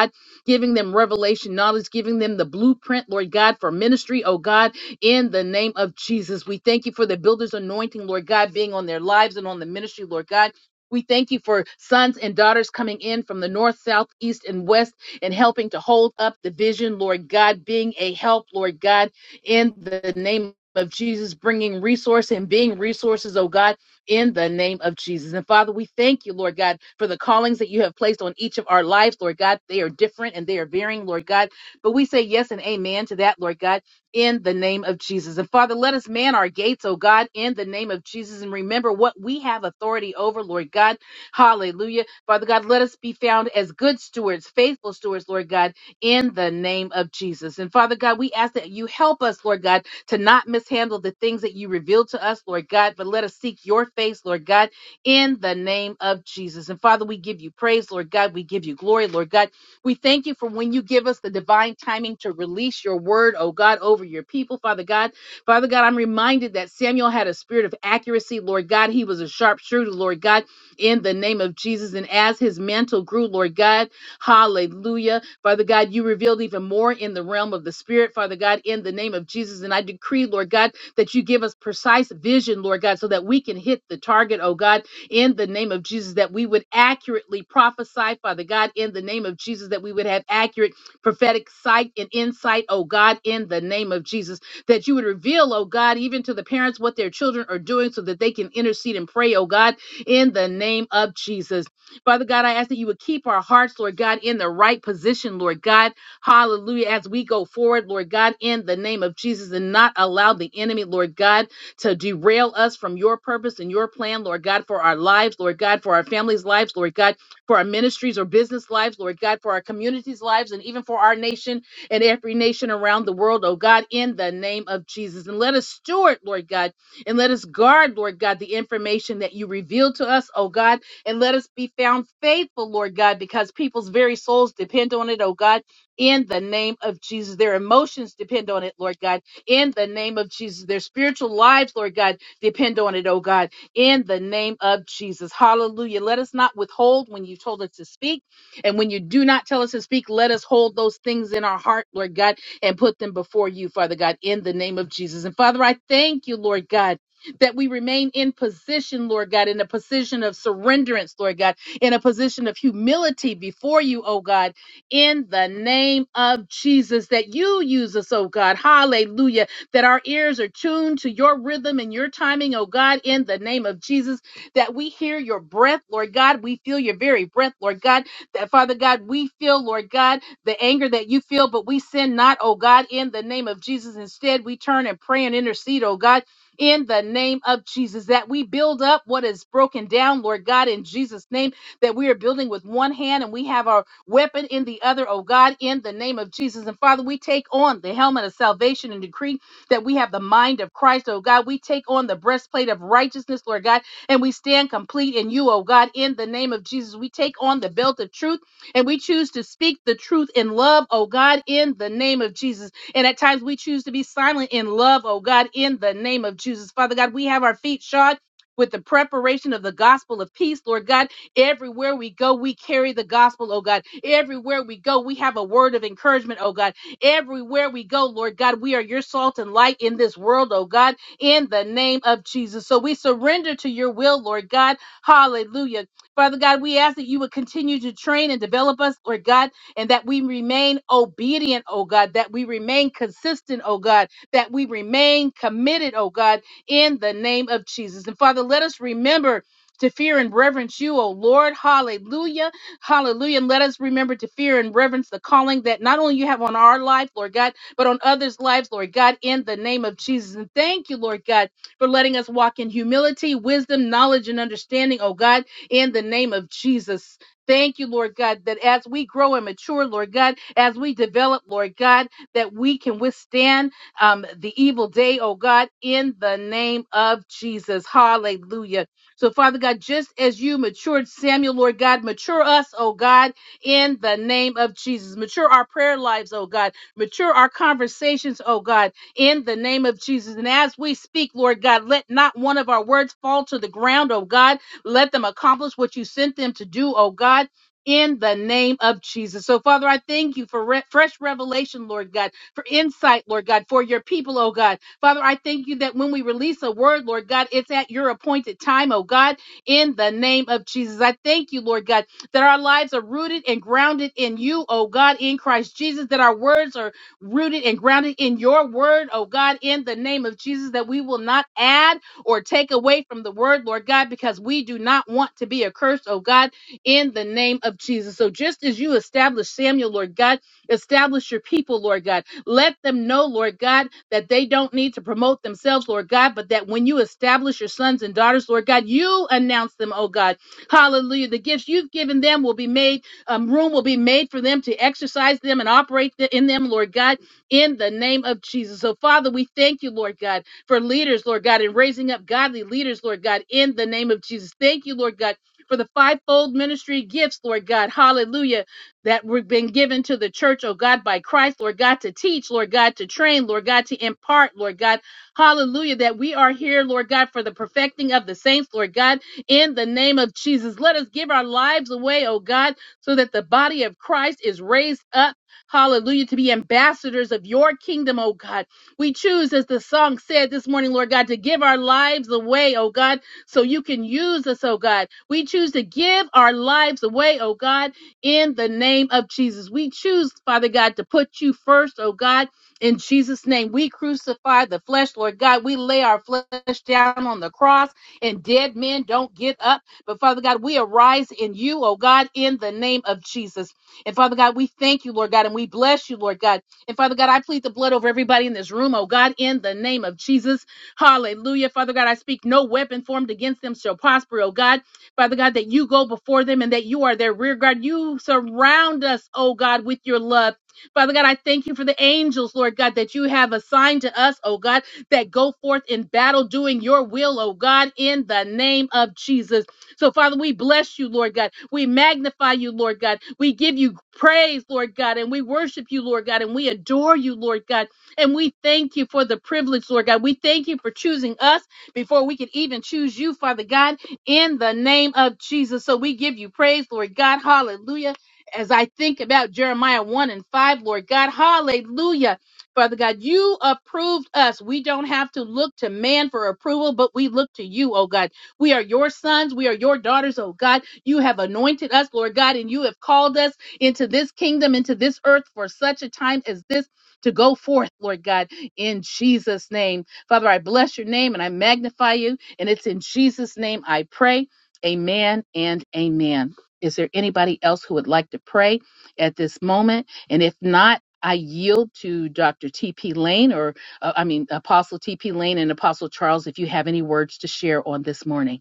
Speaker 1: giving them revelation knowledge, giving them the blueprint, Lord God, for ministry, oh God, in the name of Jesus. We thank you for the builder's anointing, Lord God, being on their lives and on the ministry, Lord God. We thank you for sons and daughters coming in from the north, south, east, and west and helping to hold up the vision, Lord God, being a help, Lord God, in the name of Jesus, bringing resource and being resources, oh God in the name of Jesus. And Father, we thank you, Lord God, for the callings that you have placed on each of our lives, Lord God. They are different and they are varying, Lord God. But we say yes and amen to that, Lord God, in the name of Jesus. And Father, let us man our gates, oh God, in the name of Jesus. And remember what we have authority over, Lord God. Hallelujah. Father God, let us be found as good stewards, faithful stewards, Lord God, in the name of Jesus. And Father God, we ask that you help us, Lord God to not mishandle the things that you revealed to us, Lord God, but let us seek your face, Lord God, in the name of Jesus. And Father, we give you praise, Lord God. We give you glory, Lord God. We thank you for when you give us the divine timing to release your word, oh God, over your people, Father God. Father God, I'm reminded that Samuel had a spirit of accuracy, Lord God. He was a sharpshooter, Lord God, in the name of Jesus. And as his mantle grew, Lord God, hallelujah. Father God, you revealed even more in the realm of the spirit, Father God, in the name of Jesus. And I decree, Lord God, that you give us precise vision, Lord God, so that we can hit the target, oh God, in the name of Jesus, that we would accurately prophesy, Father God, in the name of Jesus, that we would have accurate prophetic sight and insight, oh God, in the name of Jesus, that you would reveal, oh God, even to the parents what their children are doing so that they can intercede and pray, oh God, in the name of Jesus. Father God, I ask that you would keep our hearts, Lord God, in the right position, Lord God. Hallelujah. As we go forward, Lord God, in the name of Jesus, and not allow the enemy, Lord God, to derail us from your purpose and your plan, Lord God, for our lives, Lord God, for our families' lives, Lord God, for our ministries or business lives, Lord God, for our communities' lives, and even for our nation and every nation around the world, oh God, in the name of Jesus. And let us steward, Lord God, and let us guard, Lord God, the information that you reveal to us, oh God and let us be found faithful, Lord God, because people's very souls depend on it, oh God, in the name of Jesus. Their emotions depend on it, Lord God, in the name of Jesus. Their spiritual lives, Lord God, depend on it, oh God, in the name of Jesus. Hallelujah. Let us not withhold when you told us to speak. And when you do not tell us to speak, let us hold those things in our heart, Lord God, and put them before you, Father God, in the name of Jesus. And Father, I thank you, Lord God that we remain in position, Lord God, in a position of surrenderance, Lord God, in a position of humility before you, oh God, in the name of Jesus, that you use us, oh God. Hallelujah. That our ears are tuned to your rhythm and your timing, oh God, in the name of Jesus, that we hear your breath, Lord God. We feel your very breath, Lord God. That, Father God, we feel, Lord God, the anger that you feel, but we sin not, oh God, in the name of Jesus. Instead, we turn and pray and intercede, oh God in the name of Jesus, that we build up what is broken down, Lord God, in Jesus' name, that we are building with one hand and we have our weapon in the other, oh God, in the name of Jesus. And Father, we take on the helmet of salvation and decree that we have the mind of Christ, oh God. We take on the breastplate of righteousness, Lord God, and we stand complete in you, oh God, in the name of Jesus. We take on the belt of truth and we choose to speak the truth in love, oh God, in the name of Jesus and at times we choose to be silent in love, oh God, in the name of Jesus. Father God, we have our feet shod with the preparation of the gospel of peace, Lord God. Everywhere we go, we carry the gospel, oh God. Everywhere we go, we have a word of encouragement, oh God. Everywhere we go, Lord God, we are your salt and light in this world, oh God, in the name of Jesus. So we surrender to your will, Lord God. Hallelujah. Father God, we ask that you would continue to train and develop us, Lord God and that we remain obedient, oh God, that we remain consistent, oh God, that we remain committed, oh God, in the name of Jesus. And Father, let us remember to fear and reverence you, O Lord. Hallelujah. Hallelujah. And let us remember to fear and reverence the calling that not only you have on our life, Lord God, but on others' lives, Lord God, in the name of Jesus. And thank you, Lord God, for letting us walk in humility, wisdom, knowledge, and understanding, oh God, in the name of Jesus. Thank you, Lord God, that as we grow and mature, Lord God, as we develop, Lord God, that we can withstand um, the evil day, oh God, in the name of Jesus. Hallelujah. So, Father God, just as you matured Samuel, Lord God, mature us, oh God, in the name of Jesus. Mature our prayer lives, oh God. Mature our conversations, oh God, in the name of Jesus. And as we speak, Lord God, let not one of our words fall to the ground, oh God let them accomplish what you sent them to do, oh God. In the name of Jesus. So, Father, I thank you for re- fresh revelation, Lord God, for insight, Lord God, for your people, oh God. Father, I thank you that when we release a word, Lord God, it's at your appointed time, oh God, in the name of Jesus. I thank you, Lord God, that our lives are rooted and grounded in you, oh God, in Christ Jesus, that our words are rooted and grounded in your word, oh God, in the name of Jesus, that we will not add or take away from the word, Lord God, because we do not want to be accursed, oh God, in the name of Jesus. So just as you established Samuel, Lord God, establish your people, Lord God. Let them know, Lord God, that they don't need to promote themselves, Lord God, but that when you establish your sons and daughters, Lord God, you announce them, oh God. Hallelujah. The gifts you've given them will be made, um, room will be made for them to exercise them and operate th- in them, Lord God, in the name of Jesus. So, Father, we thank you, Lord God for leaders, Lord God, and raising up godly leaders, Lord God, in the name of Jesus. Thank you, Lord God, for the fivefold ministry gifts, Lord God, hallelujah, that we've been given to the church, oh God, by Christ, Lord God, to teach, Lord God, to train, Lord God, to impart, Lord God, hallelujah, that we are here, Lord God, for the perfecting of the saints, Lord God, in the name of Jesus. Let us give our lives away, oh God, so that the body of Christ is raised up. Hallelujah, to be ambassadors of your kingdom, oh God. We choose, as the song said this morning, Lord God, to give our lives away, oh God, so you can use us, oh God. We choose to give our lives away, oh God, in the name of Jesus. We choose, Father God, to put you first, oh God. In Jesus' name, we crucify the flesh, Lord God. We lay our flesh down on the cross, and dead men don't get up. But Father God, we arise in you, oh God, in the name of Jesus. And Father God, we thank you, Lord God, and we bless you, Lord God. And Father God, I plead the blood over everybody in this room, oh God, in the name of Jesus. Hallelujah. Father God, I speak no weapon formed against them shall prosper, oh God. Father God, that you go before them and that you are their rear guard. You surround us, oh God, with your love. Father God, I thank you for the angels, Lord God, that you have assigned to us, oh God, that go forth in battle doing your will, oh God, in the name of Jesus. So, Father, we bless you, Lord God. We magnify you, Lord God. We give you praise, Lord God, and we worship you, Lord God, and we adore you, Lord God. And we thank you for the privilege, Lord God. We thank you for choosing us before we could even choose you, Father God, in the name of Jesus. So we give you praise, Lord God. Hallelujah. As I think about Jeremiah 1 and 5, Lord God, hallelujah. Father God, you approved us. We don't have to look to man for approval, but we look to you, oh God. We are your sons. We are your daughters, oh God. You have anointed us, Lord God, and you have called us into this kingdom, into this earth for such a time as this to go forth, Lord God, in Jesus' name. Father, I bless your name and I magnify you. And it's in Jesus' name I pray. Amen and amen. Is there anybody else who would like to pray at this moment? And if not, I yield to Dr. T.P. Lane, or uh, I mean, Apostle T.P. Lane and Apostle Charles, if you have any words to share on this morning.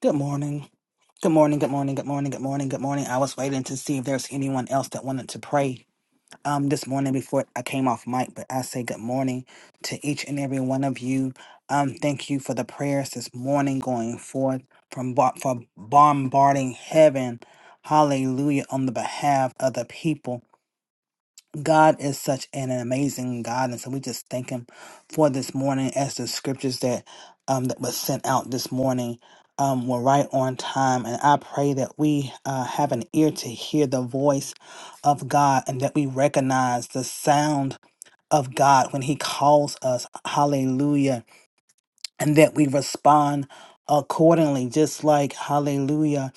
Speaker 7: Good morning. Good morning. Good morning. Good morning. Good morning. Good morning. I was waiting to see if there's anyone else that wanted to pray um, this morning before I came off mic, but I say good morning to each and every one of you. Um, thank you for the prayers this morning going forth from bar- for bombarding heaven. Hallelujah on the behalf of the people. God is such an amazing God, and so we just thank Him for this morning. As the scriptures that um, that was sent out this morning um, were right on time, and I pray that we uh, have an ear to hear the voice of God, and that we recognize the sound of God when He calls us. Hallelujah and that we respond accordingly just like hallelujah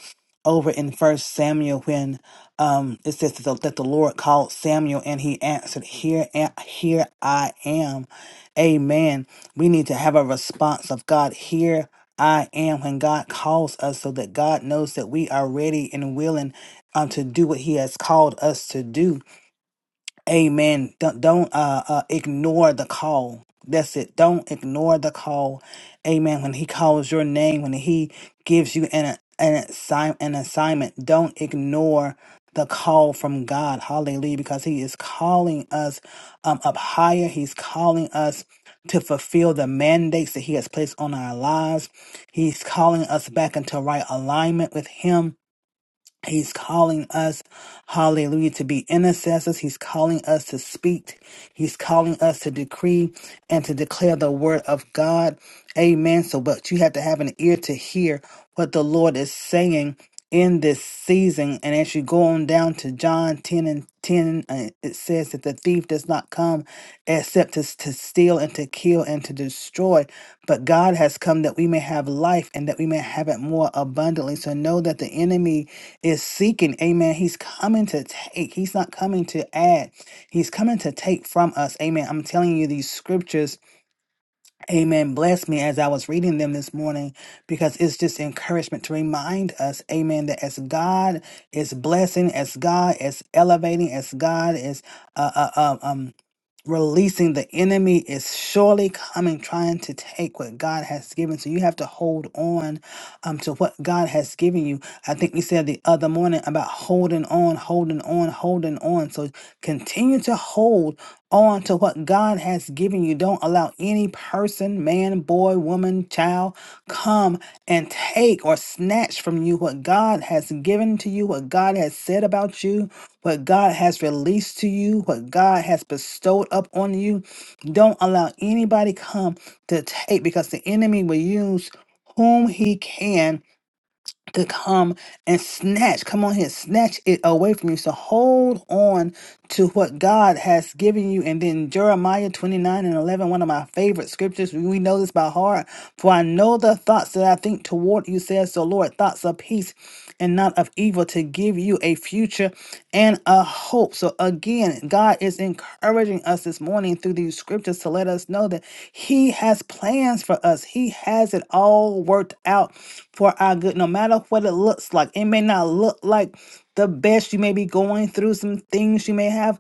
Speaker 7: over in first samuel when um it says that the, that the lord called samuel and he answered here a- here i am amen we need to have a response of god here I am when God calls us so that God knows that we are ready and willing um, to do what He has called us to do. Amen. Don't, don't uh, uh, ignore the call. That's it. Don't ignore the call. Amen. When he calls your name, when he gives you an an, assign, an assignment, don't ignore the call from God. Hallelujah. Because he is calling us um, up higher. He's calling us to fulfill the mandates that he has placed on our lives. He's calling us back into right alignment with him. He's calling us, hallelujah, to be intercessors. He's calling us to speak. He's calling us to decree and to declare the word of God. Amen. So, but you have to have an ear to hear what the Lord is saying in this season. And as you go on down to John 10 and 10, uh, it says that the thief does not come except to, to steal and to kill and to destroy. But God has come that we may have life and that we may have it more abundantly. So know that the enemy is seeking. Amen. He's coming to take. He's not coming to add. He's coming to take from us. Amen. I'm telling you these scriptures Amen. Bless me as I was reading them this morning because it's just encouragement to remind us, amen, that as God is blessing, as God is elevating, as God is uh, uh, uh, um, releasing, the enemy is surely coming trying to take what God has given. So you have to hold on um, to what God has given you. I think we said the other morning about holding on, holding on, holding on. So continue to hold on to what God has given you. Don't allow any person, man, boy, woman, child, come and take or snatch from you what God has given to you, what God has said about you, what God has released to you, what God has bestowed up on you. Don't allow anybody come to take because the enemy will use whom he can to come and snatch, come on here, snatch it away from you. So hold on to what God has given you. And then Jeremiah 29 and 11, one of my favorite scriptures. We know this by heart. For I know the thoughts that I think toward you, says the Lord, thoughts of peace and not of evil to give you a future and a hope. So again, again, God is encouraging us this morning through these scriptures to let us know that He has plans for us. He has it all worked out for our good, no matter what it looks like. It may not look like the best you may be going through, some things you may have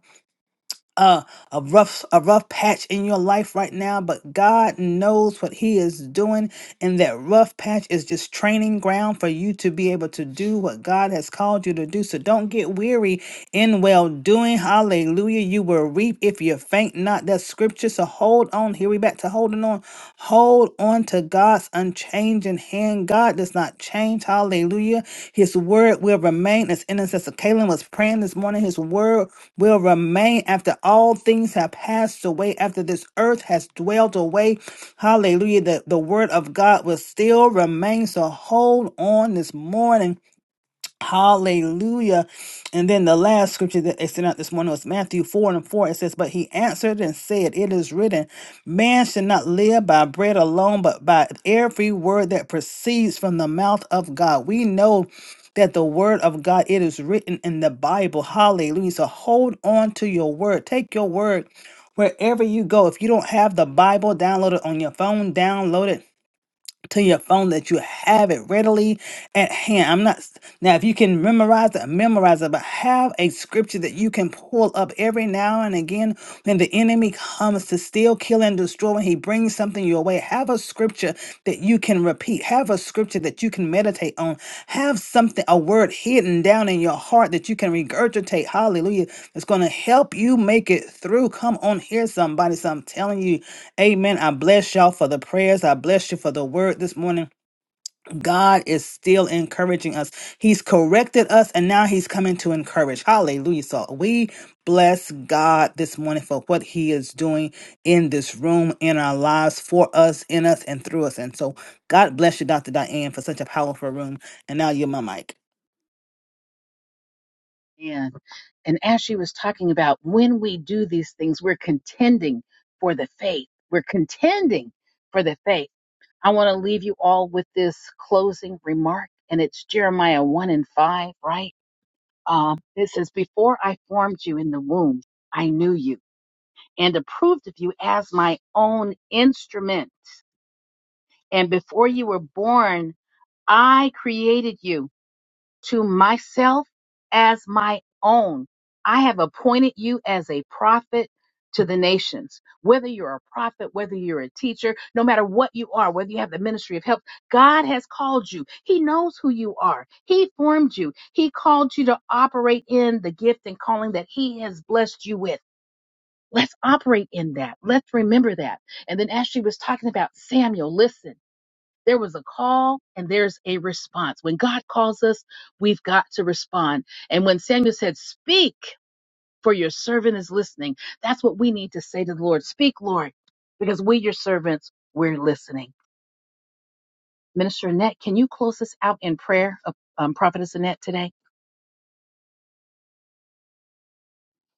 Speaker 7: uh, a rough a rough patch in your life right now but god knows what he is doing and that rough patch is just training ground for you to be able to do what god has called you to do so don't get weary in well doing hallelujah you will reap if you faint not that's scripture so hold on here we back to holding on Hold hold on to God's unchanging hand. God does not change. Hallelujah. His word will remain. As Intercessor Kaylin was praying this morning, his word will remain after all things have passed away, after this earth has dwelled away. Hallelujah. The, the word of God will still remain. So hold on this morning Hallelujah. And then the last scripture that they sent out this morning was Matthew 4 and 4. It says, But he answered and said, It is written, Man should not live by bread alone, but by every word that proceeds from the mouth of God. We know that the word of God, it is written in the Bible. Hallelujah. So hold on to your word. Take your word wherever you go. If you don't have the Bible, download it on your phone, download it to your phone that you have it readily at hand. I'm not now if you can memorize it, memorize it, but have a scripture that you can pull up every now and again when the enemy comes to steal, kill, and destroy. When he brings something your way, have a scripture that you can repeat. Have a scripture that you can meditate on. Have something, a word hidden down in your heart that you can regurgitate. Hallelujah! It's going to help you make it through. Come on here, somebody. So I'm telling you. Amen. I bless y'all for the prayers. I bless you for the word this morning. God is still encouraging us. He's corrected us and now he's coming to encourage. Hallelujah. So we bless God this morning for what he is doing in this room, in our lives, for us, in us, and through us. And so God bless you, Dr. Diane, for such a powerful room. And now you're my mic.
Speaker 1: And, and as she was talking about when we do these things, we're contending for the faith. We're contending for the faith. I want to leave you all with this closing remark, and it's Jeremiah 1 and 5, right? Um, it says, Before I formed you in the womb, I knew you and approved of you as my own instrument. And before you were born, I created you. to myself as my own. I have appointed you as a prophet to the nations. Whether you're a prophet, whether you're a teacher, no matter what you are, whether you have the ministry of help, God has called you. He knows who you are. He formed you. He called you to operate in the gift and calling that He has blessed you with. Let's operate in that. Let's remember that. And then as she was talking about Samuel, listen. There was a call and there's a response. When God calls us, we've got to respond. And when Samuel said, Speak, for your servant is listening, that's what we need to say to the Lord. Speak, Lord, because we, your servants, we're listening. Minister Annette, can you close us out in prayer, uh, um, Prophetess Annette, today?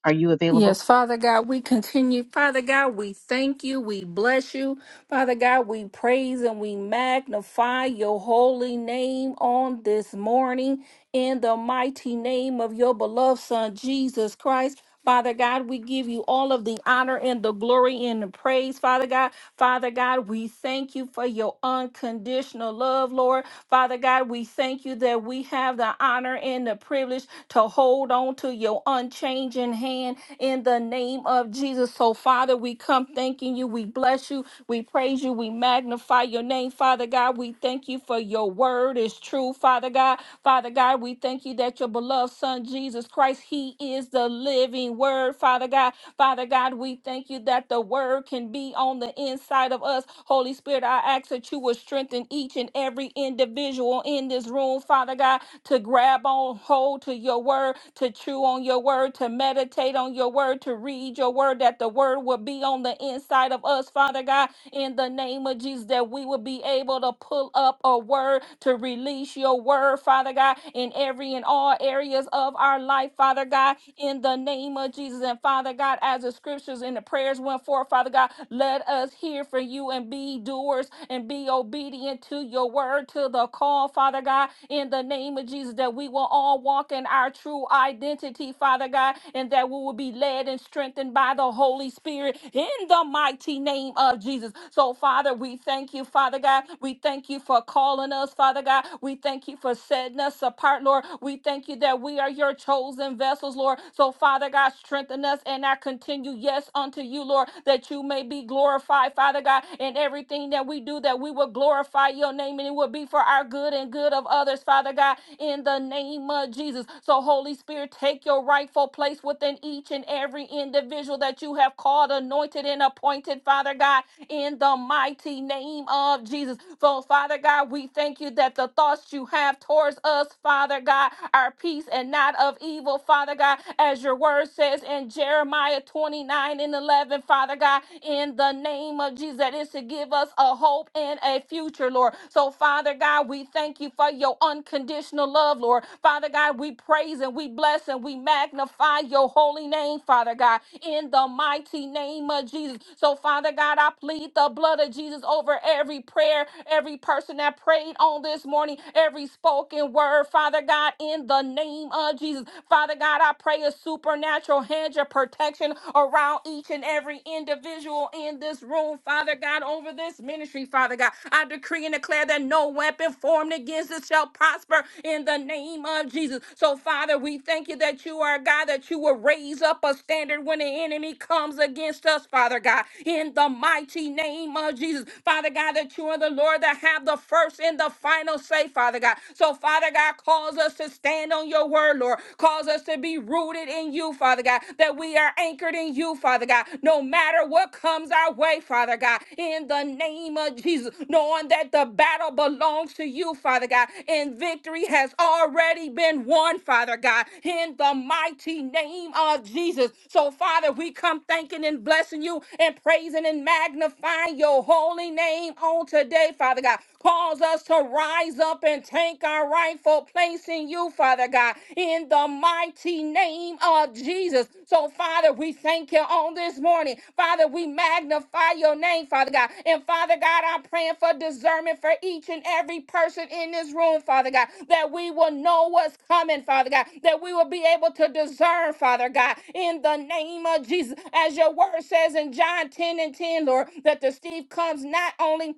Speaker 1: Are you available?
Speaker 2: Yes, Father God, we continue. Father God, we thank you. We bless you. Father God, we praise and we magnify your holy name on this morning in the mighty name of your beloved Son, Jesus Christ. Father God, we give you all of the honor and the glory and the praise, Father God. Father God, we thank you for your unconditional love, Lord. Father God, we thank you that we have the honor and the privilege to hold on to your unchanging hand in the name of Jesus. So, Father, we come thanking you. We bless you. We praise you. We magnify your name, Father God. We thank you for your word is true, Father God. Father God, we thank you that your beloved Son, Jesus Christ, He is the living word, Father God. Father God, we thank you that the word can be on the inside of us. Holy Spirit, I ask that you would strengthen each and every individual in this room, Father God to grab on hold to your word, to chew on your word, to meditate on your word, to read your word, that the word will be on the inside of us, Father God, in the name of Jesus that we will be able to pull up a word to release your word, Father God, in every and all areas of our life, Father God, in the name of Jesus. And Father God, as the scriptures and the prayers went forth, Father God, let us hear from you and be doers and be obedient to your word, to the call, Father God, in the name of Jesus, that we will all walk in our true identity, Father God, and that we will be led and strengthened by the Holy Spirit in the mighty name of Jesus. Jesus. So, Father, we thank you, Father God. We thank you for calling us, Father God. We thank you for setting us apart, Lord. We thank you that we are your chosen vessels, Lord. So, Father God, strengthen us and I continue, yes, unto you, Lord, that you may be glorified, Father God, in everything that we do, that we will glorify your name and it will be for our good and good of others, Father God, in the name of Jesus. So, Holy Spirit, take your rightful place within each and every individual that you have called, anointed, and appointed, Father God in the mighty name of Jesus. So, Father God, we thank you that the thoughts you have towards us, Father God, are peace and not of evil, Father God, as your word says in Jeremiah 29 and 11, Father God, in the name of Jesus, that is to give us a hope and a future, Lord. So, Father God, we thank you for your unconditional love, Lord. Father God, we praise and we bless and we magnify magnify your holy name, Father God, in the mighty name of Jesus. So, Father God, I plead the blood of Jesus over every prayer, every person that prayed on this morning, every spoken word, Father God, in the name of Jesus. Father God, I pray a supernatural hedge of protection around each and every individual in this room, Father God, over this ministry, Father God. I decree and declare that no weapon weapon formed against us shall prosper in the name of Jesus. So, Father, we thank you that you are God, that you will raise up a standard when the enemy comes against us, Father God, in the mighty name of Jesus. Father God, that you are the Lord that have the first and the final say, Father God. So, Father God, cause us to stand on your word, Lord. Cause us to be rooted in you, Father God, that we are anchored in you, Father God. No matter what comes our way, Father God, in the name of Jesus, knowing that the battle belongs to you, Father God, and victory has already been won, Father God, in the mighty name of Jesus. So, Father, we come thanking and blessing you and praising and magnifying your holy name on today, Father God. Cause us to rise up and take our rightful place in you, Father God, in the mighty name of Jesus. So, Father, we thank you on this morning. Father, we magnify your name, Father God. And Father God, I'm praying for discernment for each and every person in this room, Father God, that we will know what's coming, Father God, that we will be able to discern, Father God, in the name of Jesus. As your word says in John 10 and 10, Lord, that the thief comes not only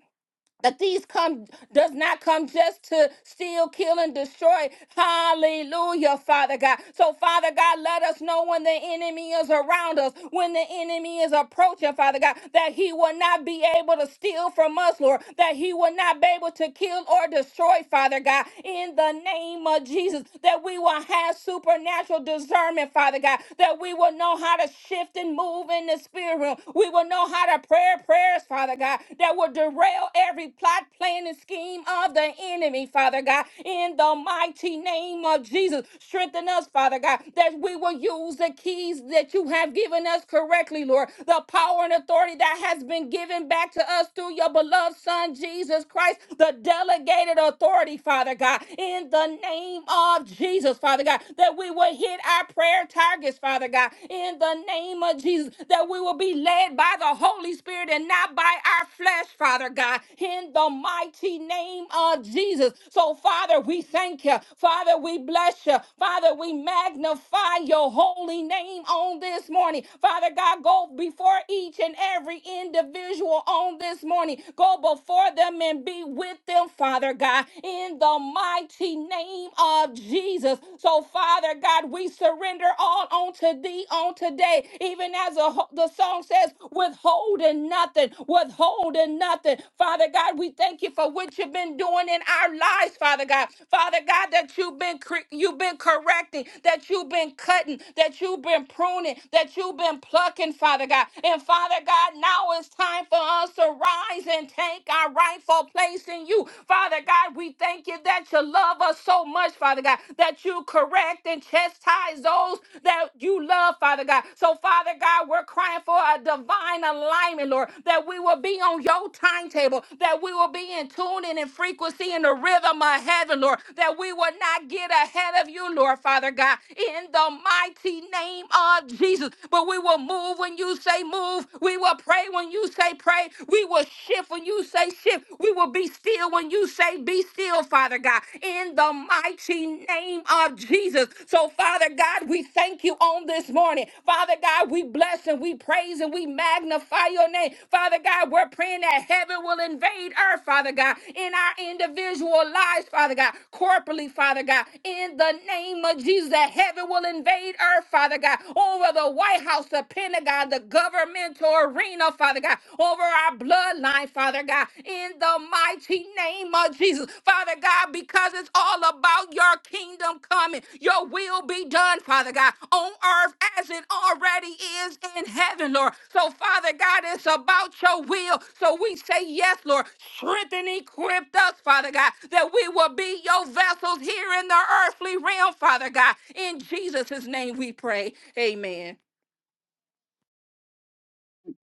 Speaker 2: that these come does not come just to steal, kill, and destroy. Hallelujah, Father God. So, Father God, let us know when the enemy is around us, when the enemy is approaching, Father God, that he will not be able to steal from us, Lord, that he will not be able to kill or destroy, Father God, in the name of Jesus, that we will have supernatural discernment, Father God, that we will know how to shift and move in the spirit realm. We will know how to God, I pray prayers, Father God, that will derail every plot, plan, and scheme of the enemy, Father God, in the mighty name of Jesus. Strengthen us, Father God, that we will use the keys that you have given us correctly, Lord. The power and authority that has been given back to us through your beloved Son, Jesus Christ, the delegated authority, Father God, in the name of Jesus, Father God, that we will hit our prayer targets, Father God, in the in the name of Jesus that we will be led by the Holy Spirit and not by our flesh, Father God, in the mighty name of Jesus. So, Father, we thank you. Father, we bless you. Father, we magnify your holy name on this morning. Father God, go before each and every individual on this morning. Go before them and be with them, Father God, in the mighty name of Jesus. So, Father, Father God, we surrender all unto thee on today, even as a, the song says, withholding nothing, withholding nothing. Father God, we thank you for what you've been doing in our lives, Father God. Father God, that you've been cre- you've been correcting, that you've been cutting, that you've been pruning, that you've been plucking, Father God. And Father God, now it's time for us to rise and take our rightful place in you. Father God, we thank you that that you love us so much, Father God, that you correct and chastise those that you love, Father God. So, Father God, we're crying for a divine alignment, Lord, that we will be on your timetable, that we will be in tune and in frequency in the rhythm of heaven, Lord, that we will not get ahead of you, Lord, Father God, in the mighty name of Jesus. But we will move when you say move. We will pray when you say pray. We will shift when you say shift shift. We will be still when you say, Be still, Father God, in the mighty name of Jesus. So, Father God, we thank you on this morning. Father God, we bless and we praise and we magnify your name. Father God, we're praying that heaven will invade earth, Father God, in our individual lives, Father God, corporately, Father God, in the name of Jesus, that heaven will invade earth, Father God, over the White House, the Pentagon, the governmental arena, arena, Father God, over our bloodline, Father God, in the mighty name of Jesus, Father God, because it's all about your kingdom coming. Your will be done, Father God, on earth as it already is in heaven, Lord. So, Father God, it's about your will. So we say yes, Lord. Strengthen, equip us, Father God, that we will be your vessels here in the earthly realm, Father God. In Jesus' name we pray. Amen.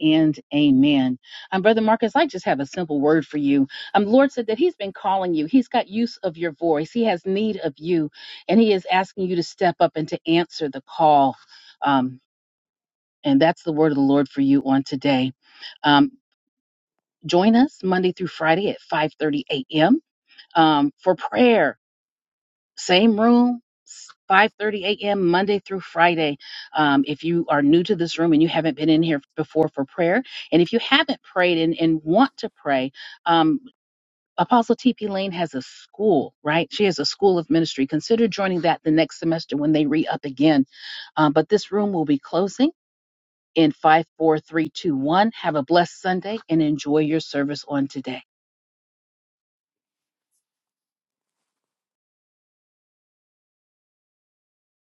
Speaker 1: and amen. Um, Brother Marcus, I just have a simple word for you. Um, the Lord said that He's been calling you. He's got use of your voice. He has need of you, and He is asking you to step up and to answer the call. Um, and that's the word of the Lord for you on today. Um, join us Monday through Friday at 5:30 a.m. Um, for prayer same room 5:30 a.m. Monday through Friday. Um, if you are new to this room and you haven't been in here before for prayer, and if you haven't prayed and, and want to pray, um, Apostle TP Lane has a school, right? She has a school of ministry. Consider joining that the next semester when they re up again. Uh, but this room will be closing in five, four, three, two, one. Have a blessed Sunday and enjoy your service on today.